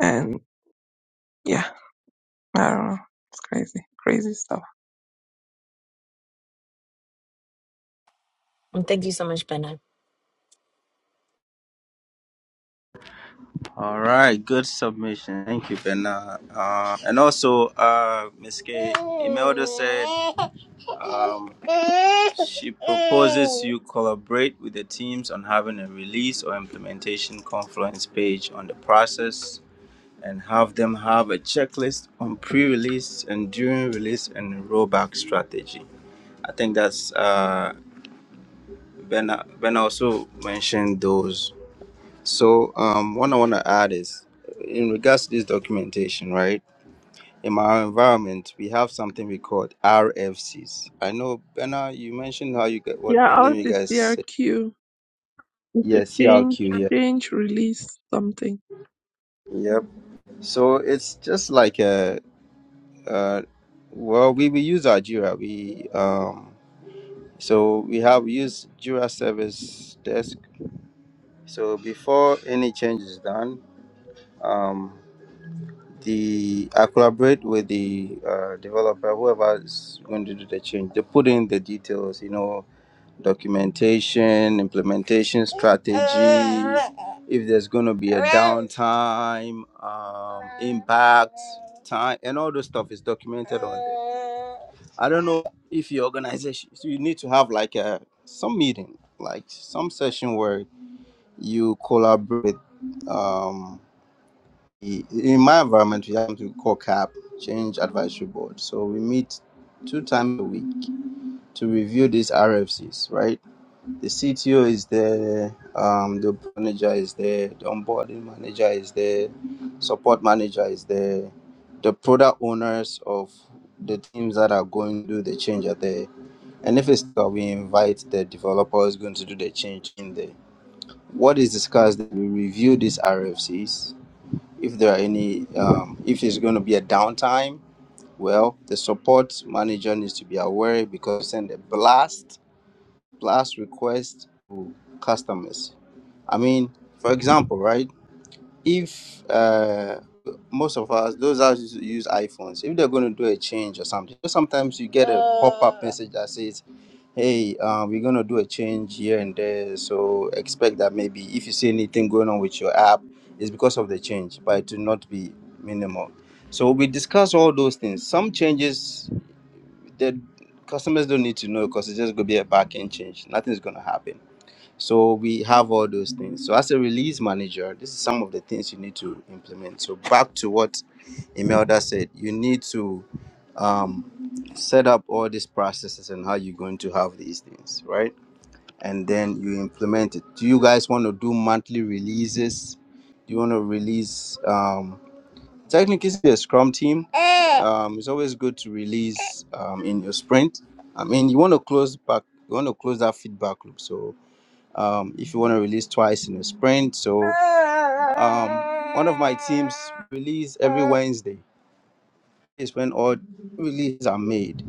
Speaker 8: and yeah, I don't know. It's crazy, crazy stuff.
Speaker 3: Um, thank you so much, Benna.
Speaker 1: All right. Good submission. Thank you, Bernard. Uh, and also uh Miss K Imelda said um She [LAUGHS] proposes you collaborate with the teams on having a release or implementation confluence page on the process and have them have a checklist on pre release and during release and rollback strategy. I think that's uh, Ben, ben also mentioned those. So, um, one I want to add is in regards to this documentation, right? In our environment, we have something we call RFCs. I know, Benna, you mentioned how you get
Speaker 8: Yeah,
Speaker 1: what the name
Speaker 8: out
Speaker 1: you
Speaker 8: the
Speaker 1: guys
Speaker 8: CRQ It's
Speaker 1: Yeah,
Speaker 8: a change,
Speaker 1: CRQ, yeah.
Speaker 8: change, release something.
Speaker 1: Yep. So it's just like a, uh, well, we, we use our Jira. We, um, so we have used Jira Service Desk. So before any change is done, um, the I collaborate with the uh, developer, whoever is going to do the change. They put in the details, you know, documentation, implementation strategy, if there's going to be a downtime, um, impact, time, and all those stuff is documented on there. I don't know if your organization, so you need to have like a some meeting, like some session where you collaborate. Um, i- in my environment, we have to we call CAP, Change Advisory Board. So we meet two times a week to review these RFCs, right? The CTO is there, um, the manager is there, the onboarding manager is there, support manager is there, the product owners of the teams that are going to do the change are there. And if it's that we invite the developers going to do the change in there. What is discussed, we review these RFCs. If there are any, um, if it's going to be a downtime, well, the support manager needs to be aware because send a blast, blast request to customers I mean, for example, right? If uh, most of us, those of us who use iPhones, if they're going to do a change or something, sometimes you get a pop-up message that says, "Hey, uh, we're going to do a change here and there, so expect that maybe if you see anything going on with your app, it's because of the change, but it will not be minimal." So we discuss all those things. Some changes that customers don't need to know because it's just going to be a back-end change. Nothing's going to happen so we have all those things. So as a release manager, this is some of the things you need to implement. So back to what Imelda said, you need to um, set up all these processes and how you're going to have these things, right? And then you implement it. Do you guys want to do monthly releases? Do you want to release? Um, technically, it's a Scrum team. Um, it's always good to release um, in your sprint. I mean, you want to close back. You want to close that feedback loop. So um, if you want to release twice in a sprint. So um, one of my teams release every Wednesday is when all releases are made.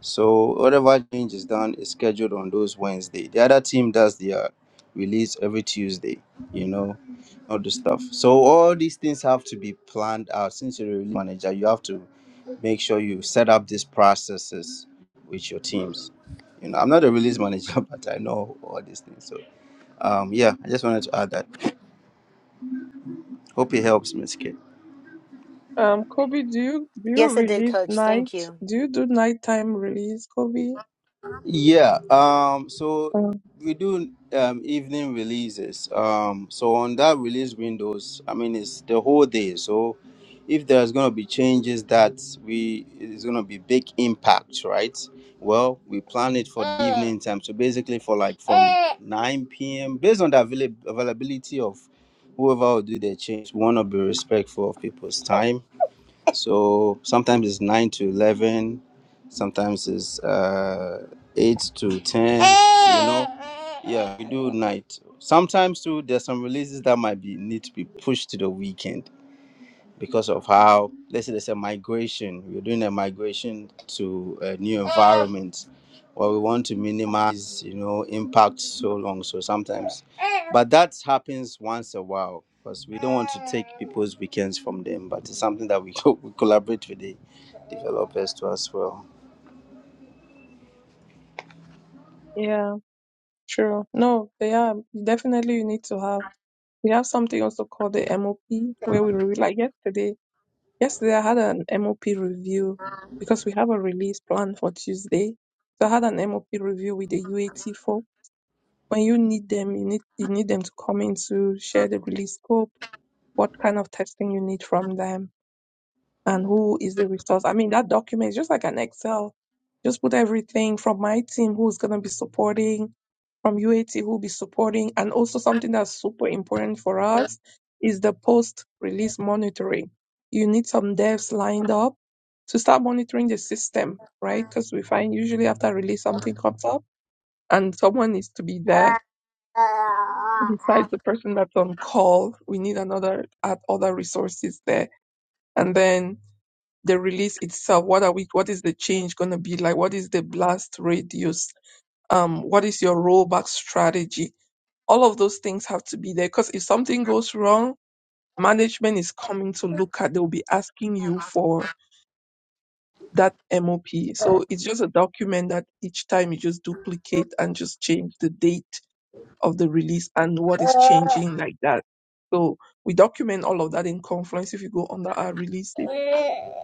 Speaker 1: So whatever change is done is scheduled on those Wednesday. The other team does their release every Tuesday, you know, all the stuff. So all these things have to be planned out. Since you're a release manager, you have to make sure you set up these processes with your teams. You know, I'm not a release manager, [LAUGHS] but I know all these things. So um, yeah, I just wanted to add that. Hope it helps, Miss K.
Speaker 8: Um, Kobe, do you do you
Speaker 3: Yes, I did,
Speaker 8: release
Speaker 3: Coach.
Speaker 8: night?
Speaker 3: Thank you.
Speaker 8: Do you do nighttime release, Kobe?
Speaker 1: Yeah. Um, so
Speaker 8: Um,
Speaker 1: we do um, evening releases. Um, so on that release windows, I mean, it's the whole day. So if there's gonna be changes that we it's gonna be big impact, right? Well, we plan it for the evening time. So basically, for like from 9 p.m. based on the avail- availability of whoever will do the change, we wanna be respectful of people's time So sometimes it's 9 to 11, sometimes it's uh, 8 to 10, you know. Yeah, we do night. Sometimes too, there's some releases that might be need to be pushed to the weekend because of how let's say there's a migration we're doing a migration to a new environment where we want to minimize you know impact so long so sometimes but that happens once a while because we don't want to take people's weekends from them but it's something that we, [LAUGHS] co- we collaborate with the developers to as well
Speaker 8: yeah, true. No, they are definitely you need to have. We have something also called the MOP where we review. Like yesterday, yesterday I had an MOP review because we have a release plan for Tuesday. So I had an MOP review with the UAT folk. When you need them, you need you need them to come in to share the release scope, what kind of testing you need from them and who is the resource. I mean, that document is just like an Excel. Just put everything from my team who's going to be supporting, from UAT who'll be supporting, and also something that's super important for us is the post release monitoring. You need some devs lined up to start monitoring the system, right? Because we find usually after release something comes up and someone needs to be there. Besides the person that's on call, we need another add other resources there. And then the release itself what are we what is the change going to be like what is the blast radius um what is your rollback strategy all of those things have to be there because if something goes wrong management is coming to look at they'll be asking you for that mop so it's just a document that each time you just duplicate and just change the date of the release and what is changing like that so we document all of that in confluence if you go under our releases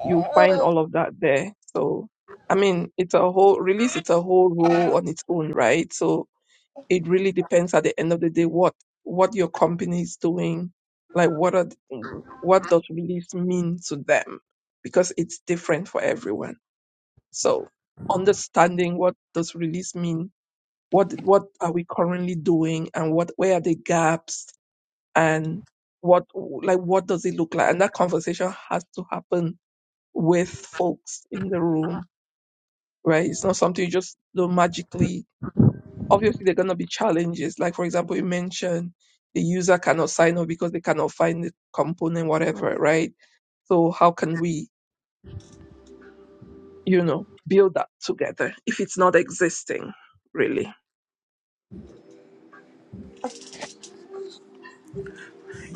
Speaker 8: you find all of that there. So, I mean, it's a whole release. It's a whole role on its own, right? So it really depends at the end of the day what what your company is doing, like what are th- what does release mean to them, because it's different for everyone. So understanding what does release mean, what what are we currently doing, and what where are the gaps, and what like what does it look like, and that conversation has to happen with folks in the room, right? It's not something you just do magically. Obviously, there are going to be challenges. Like, for example, you mentioned the user cannot sign up because they cannot find the component, whatever, right? So, how can we, you know, build that together if it's not existing, really?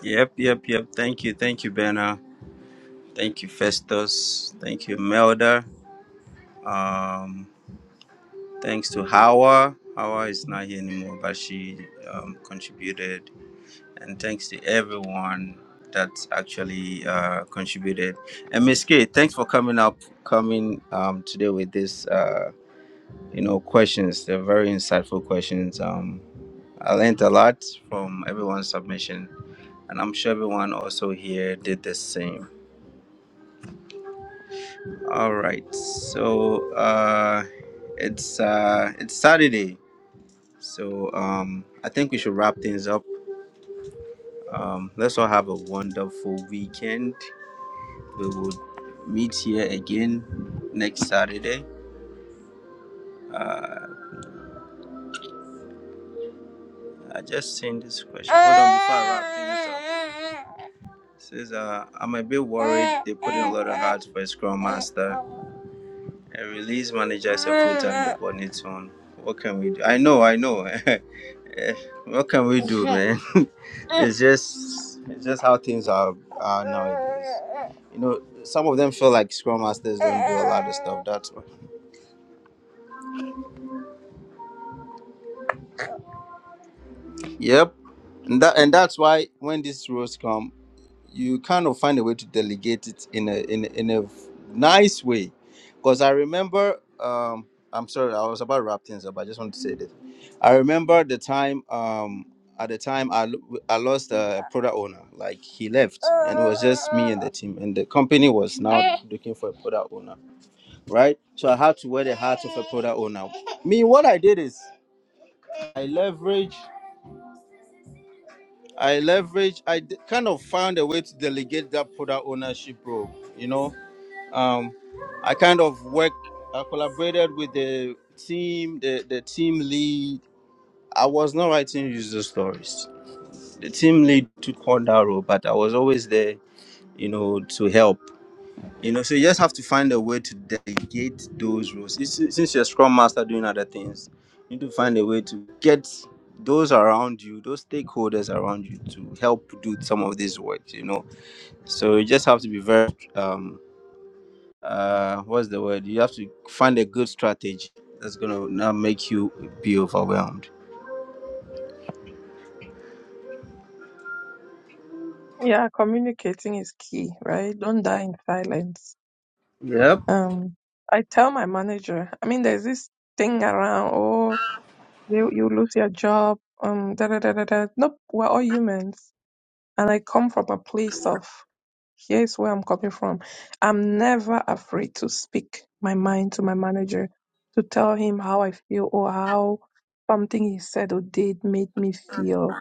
Speaker 1: yep yep yep thank you thank you Benna. thank you festus thank you melda Um. Thanks to Hawa. Hawa is not here anymore, but she um, contributed. And thanks to everyone that actually uh, contributed. And Miss K, thanks for coming up, coming um, today with this, uh, you know, questions. They're very insightful questions. Um, I learned a lot from everyone's submission, and I'm sure everyone also here did the same. All right, so uh, it's uh, it's Saturday So um, I think we should wrap things up. Um, let's all have a wonderful weekend. We will meet here again next Saturday. Uh, I just seen this question. Hold on before I wrap things up. It says uh, I'm a bit worried they put in a lot of heart for a scrum master. A release manager is a full-time job on its own. What can we do? I know, I know. [LAUGHS] Eh, what can we do, man? [LAUGHS] it's just it's just how things are, are nowadays. You know, some of them feel like scrum masters don't do a lot of stuff. That's why. Yep, and that and that's why when these roles come, you kind of find a way to delegate it in a in a- in a nice way, because I remember. Um, I'm sorry, I was about to wrap things up. I just wanted to say this. I remember the time. Um, at the time, I lo- I lost a product owner. Like he left, and it was just me and the team, and the company was now looking for a product owner right? So I had to wear the hat of a product owner. Me, what I did is I leverage, I leverage, I d- kind of found a way to delegate that product ownership role. You know, um, I kind of work, I collaborated with the team, the the team lead. I was not writing user stories. The team lead took on that role, but I was always there, you know, to help. You know, so you just have to find a way to delegate those roles. Since since you're scrum master doing other things, you need to find a way to get those around you, those stakeholders around you to help do some of this work, you know. So you just have to be very, um, uh, what's the word? You have to find a good strategy that's going to not make you be overwhelmed.
Speaker 8: Yeah, communicating is key, right? Don't die in silence.
Speaker 1: Yep.
Speaker 8: Um, I tell my manager, I mean, there's this thing around, oh, you, you lose your job, um, da da da da da. Nope, we're all humans And I come from a place of here's where I'm coming from. I'm never afraid to speak my mind to my manager, to tell him how I feel or how something he said or did made me feel.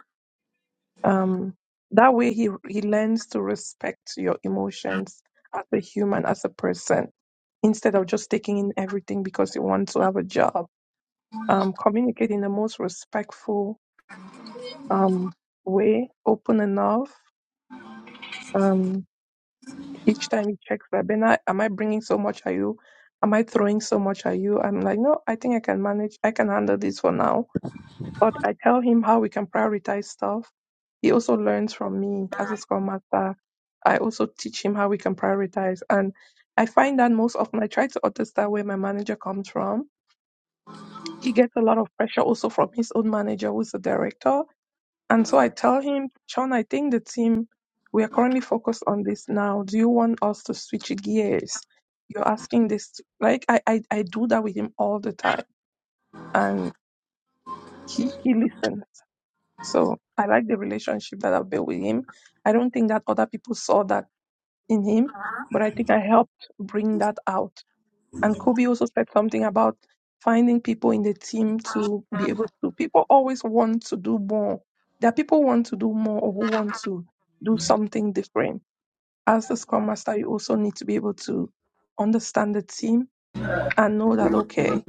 Speaker 8: Um, that way, he he learns to respect your emotions as a human, as a person, instead of just taking in everything because you want to have a job. Um, communicate in the most respectful um, way, open enough. Um, each time he checks that, Ben, am I bringing so much at you? Am I throwing so much at you? I'm like, no, I think I can manage. I can handle this for now. But I tell him how we can prioritize stuff. He also learns from me as a Scrum Master. I also teach him how we can prioritize. And I find that most often I try to understand where my manager comes from. He gets a lot of pressure also from his own manager, who's the director and so I tell him, Sean, I think the team, we are currently focused on this now. Do you want us to switch gears? You're asking this. to-" Like, I, I, I do that with him all the time. And he, he listens. So I like the relationship that I've built with him. I don't think that other people saw that in him, but I think I helped bring that out and Kobe also said something about finding people in the team to be able to. People always want to do more. There are people who want to do more or who want to do something different. As the Scrum Master, you also need to be able to understand the team and know that, okay,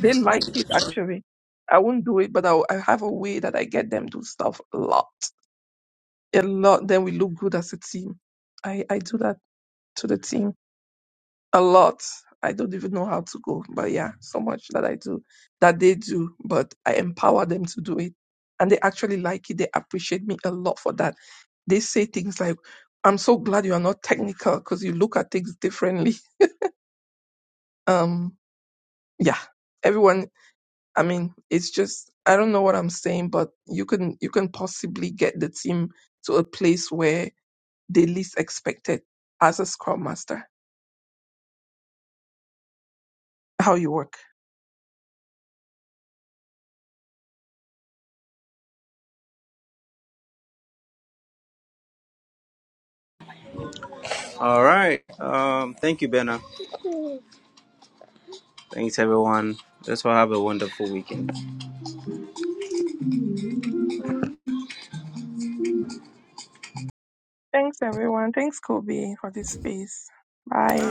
Speaker 8: they like it actually. I won't do it, but I, I have a way that I get them do stuff a lot, a lot. Then we look good as a team. I, I do that to the team. a lot. I don't even know how to go, but yeah, so much that I do, that they do, but I empower them to do it. And they actually like it. They appreciate me a lot for that. They say things like, I'm so glad you are not technical because you look at things differently. [LAUGHS] Um, yeah, everyone, I mean, it's just, I don't know what I'm saying, but you can, you can possibly get the team to a place where they least expect it as a scrum master, how you work.
Speaker 1: All right. Um, thank you, Benna. Thanks, everyone. Let's all have a wonderful weekend.
Speaker 8: Thanks, everyone. Thanks, Kobe, for this space. Bye.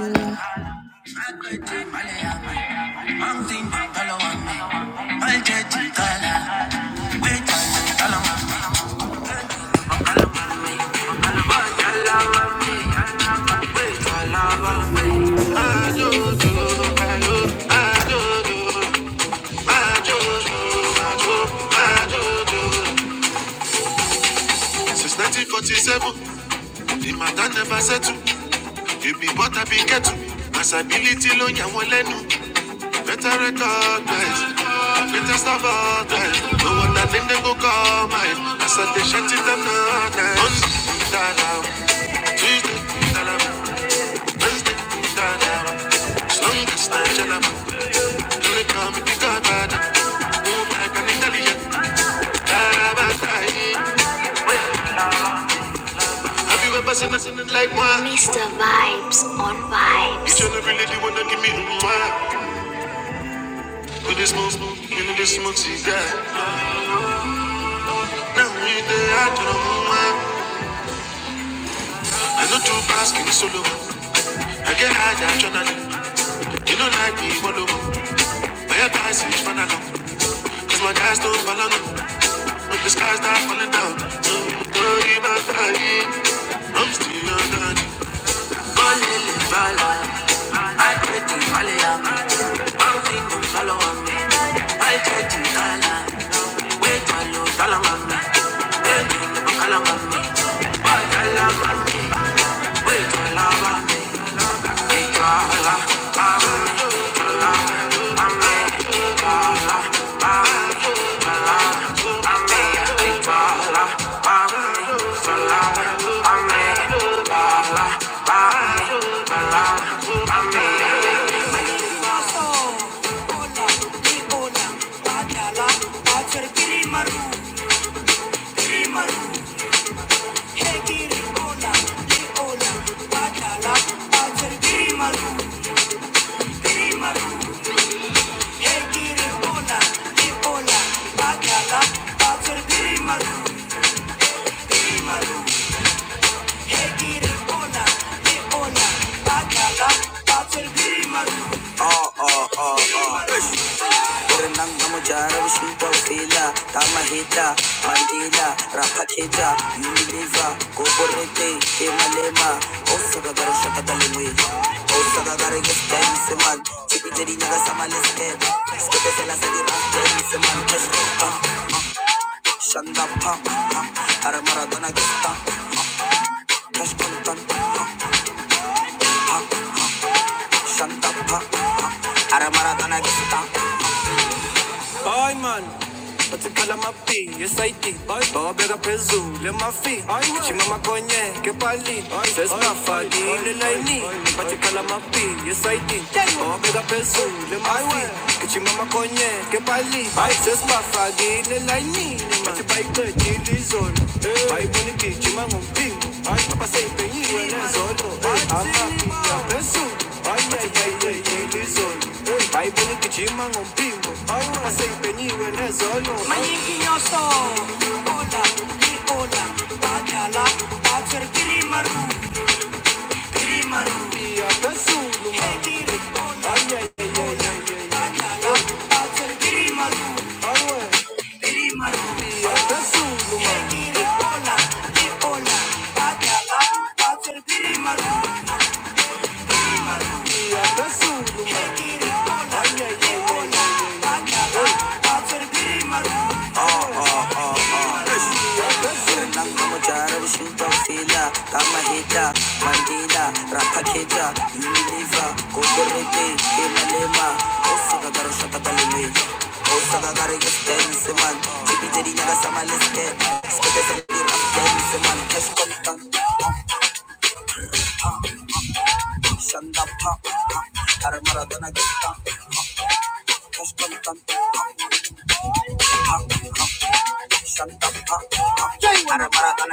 Speaker 1: Ay man, pati pala mapi, SIT Ay, baka bera prezu, le mafi Ay man, ichi mama konye, ke pali Ay, ses pa fadi, le laini Pati pala mapi, SIT Baka bera prezu, le mafi Ichi mama konye, ke pali Ay, ses pa fadi, le laini Pati bai kwe, chili zon Bai boni ki, chima ngumpi Ay, papa say, penyi, wene zolo Ay, I'm happy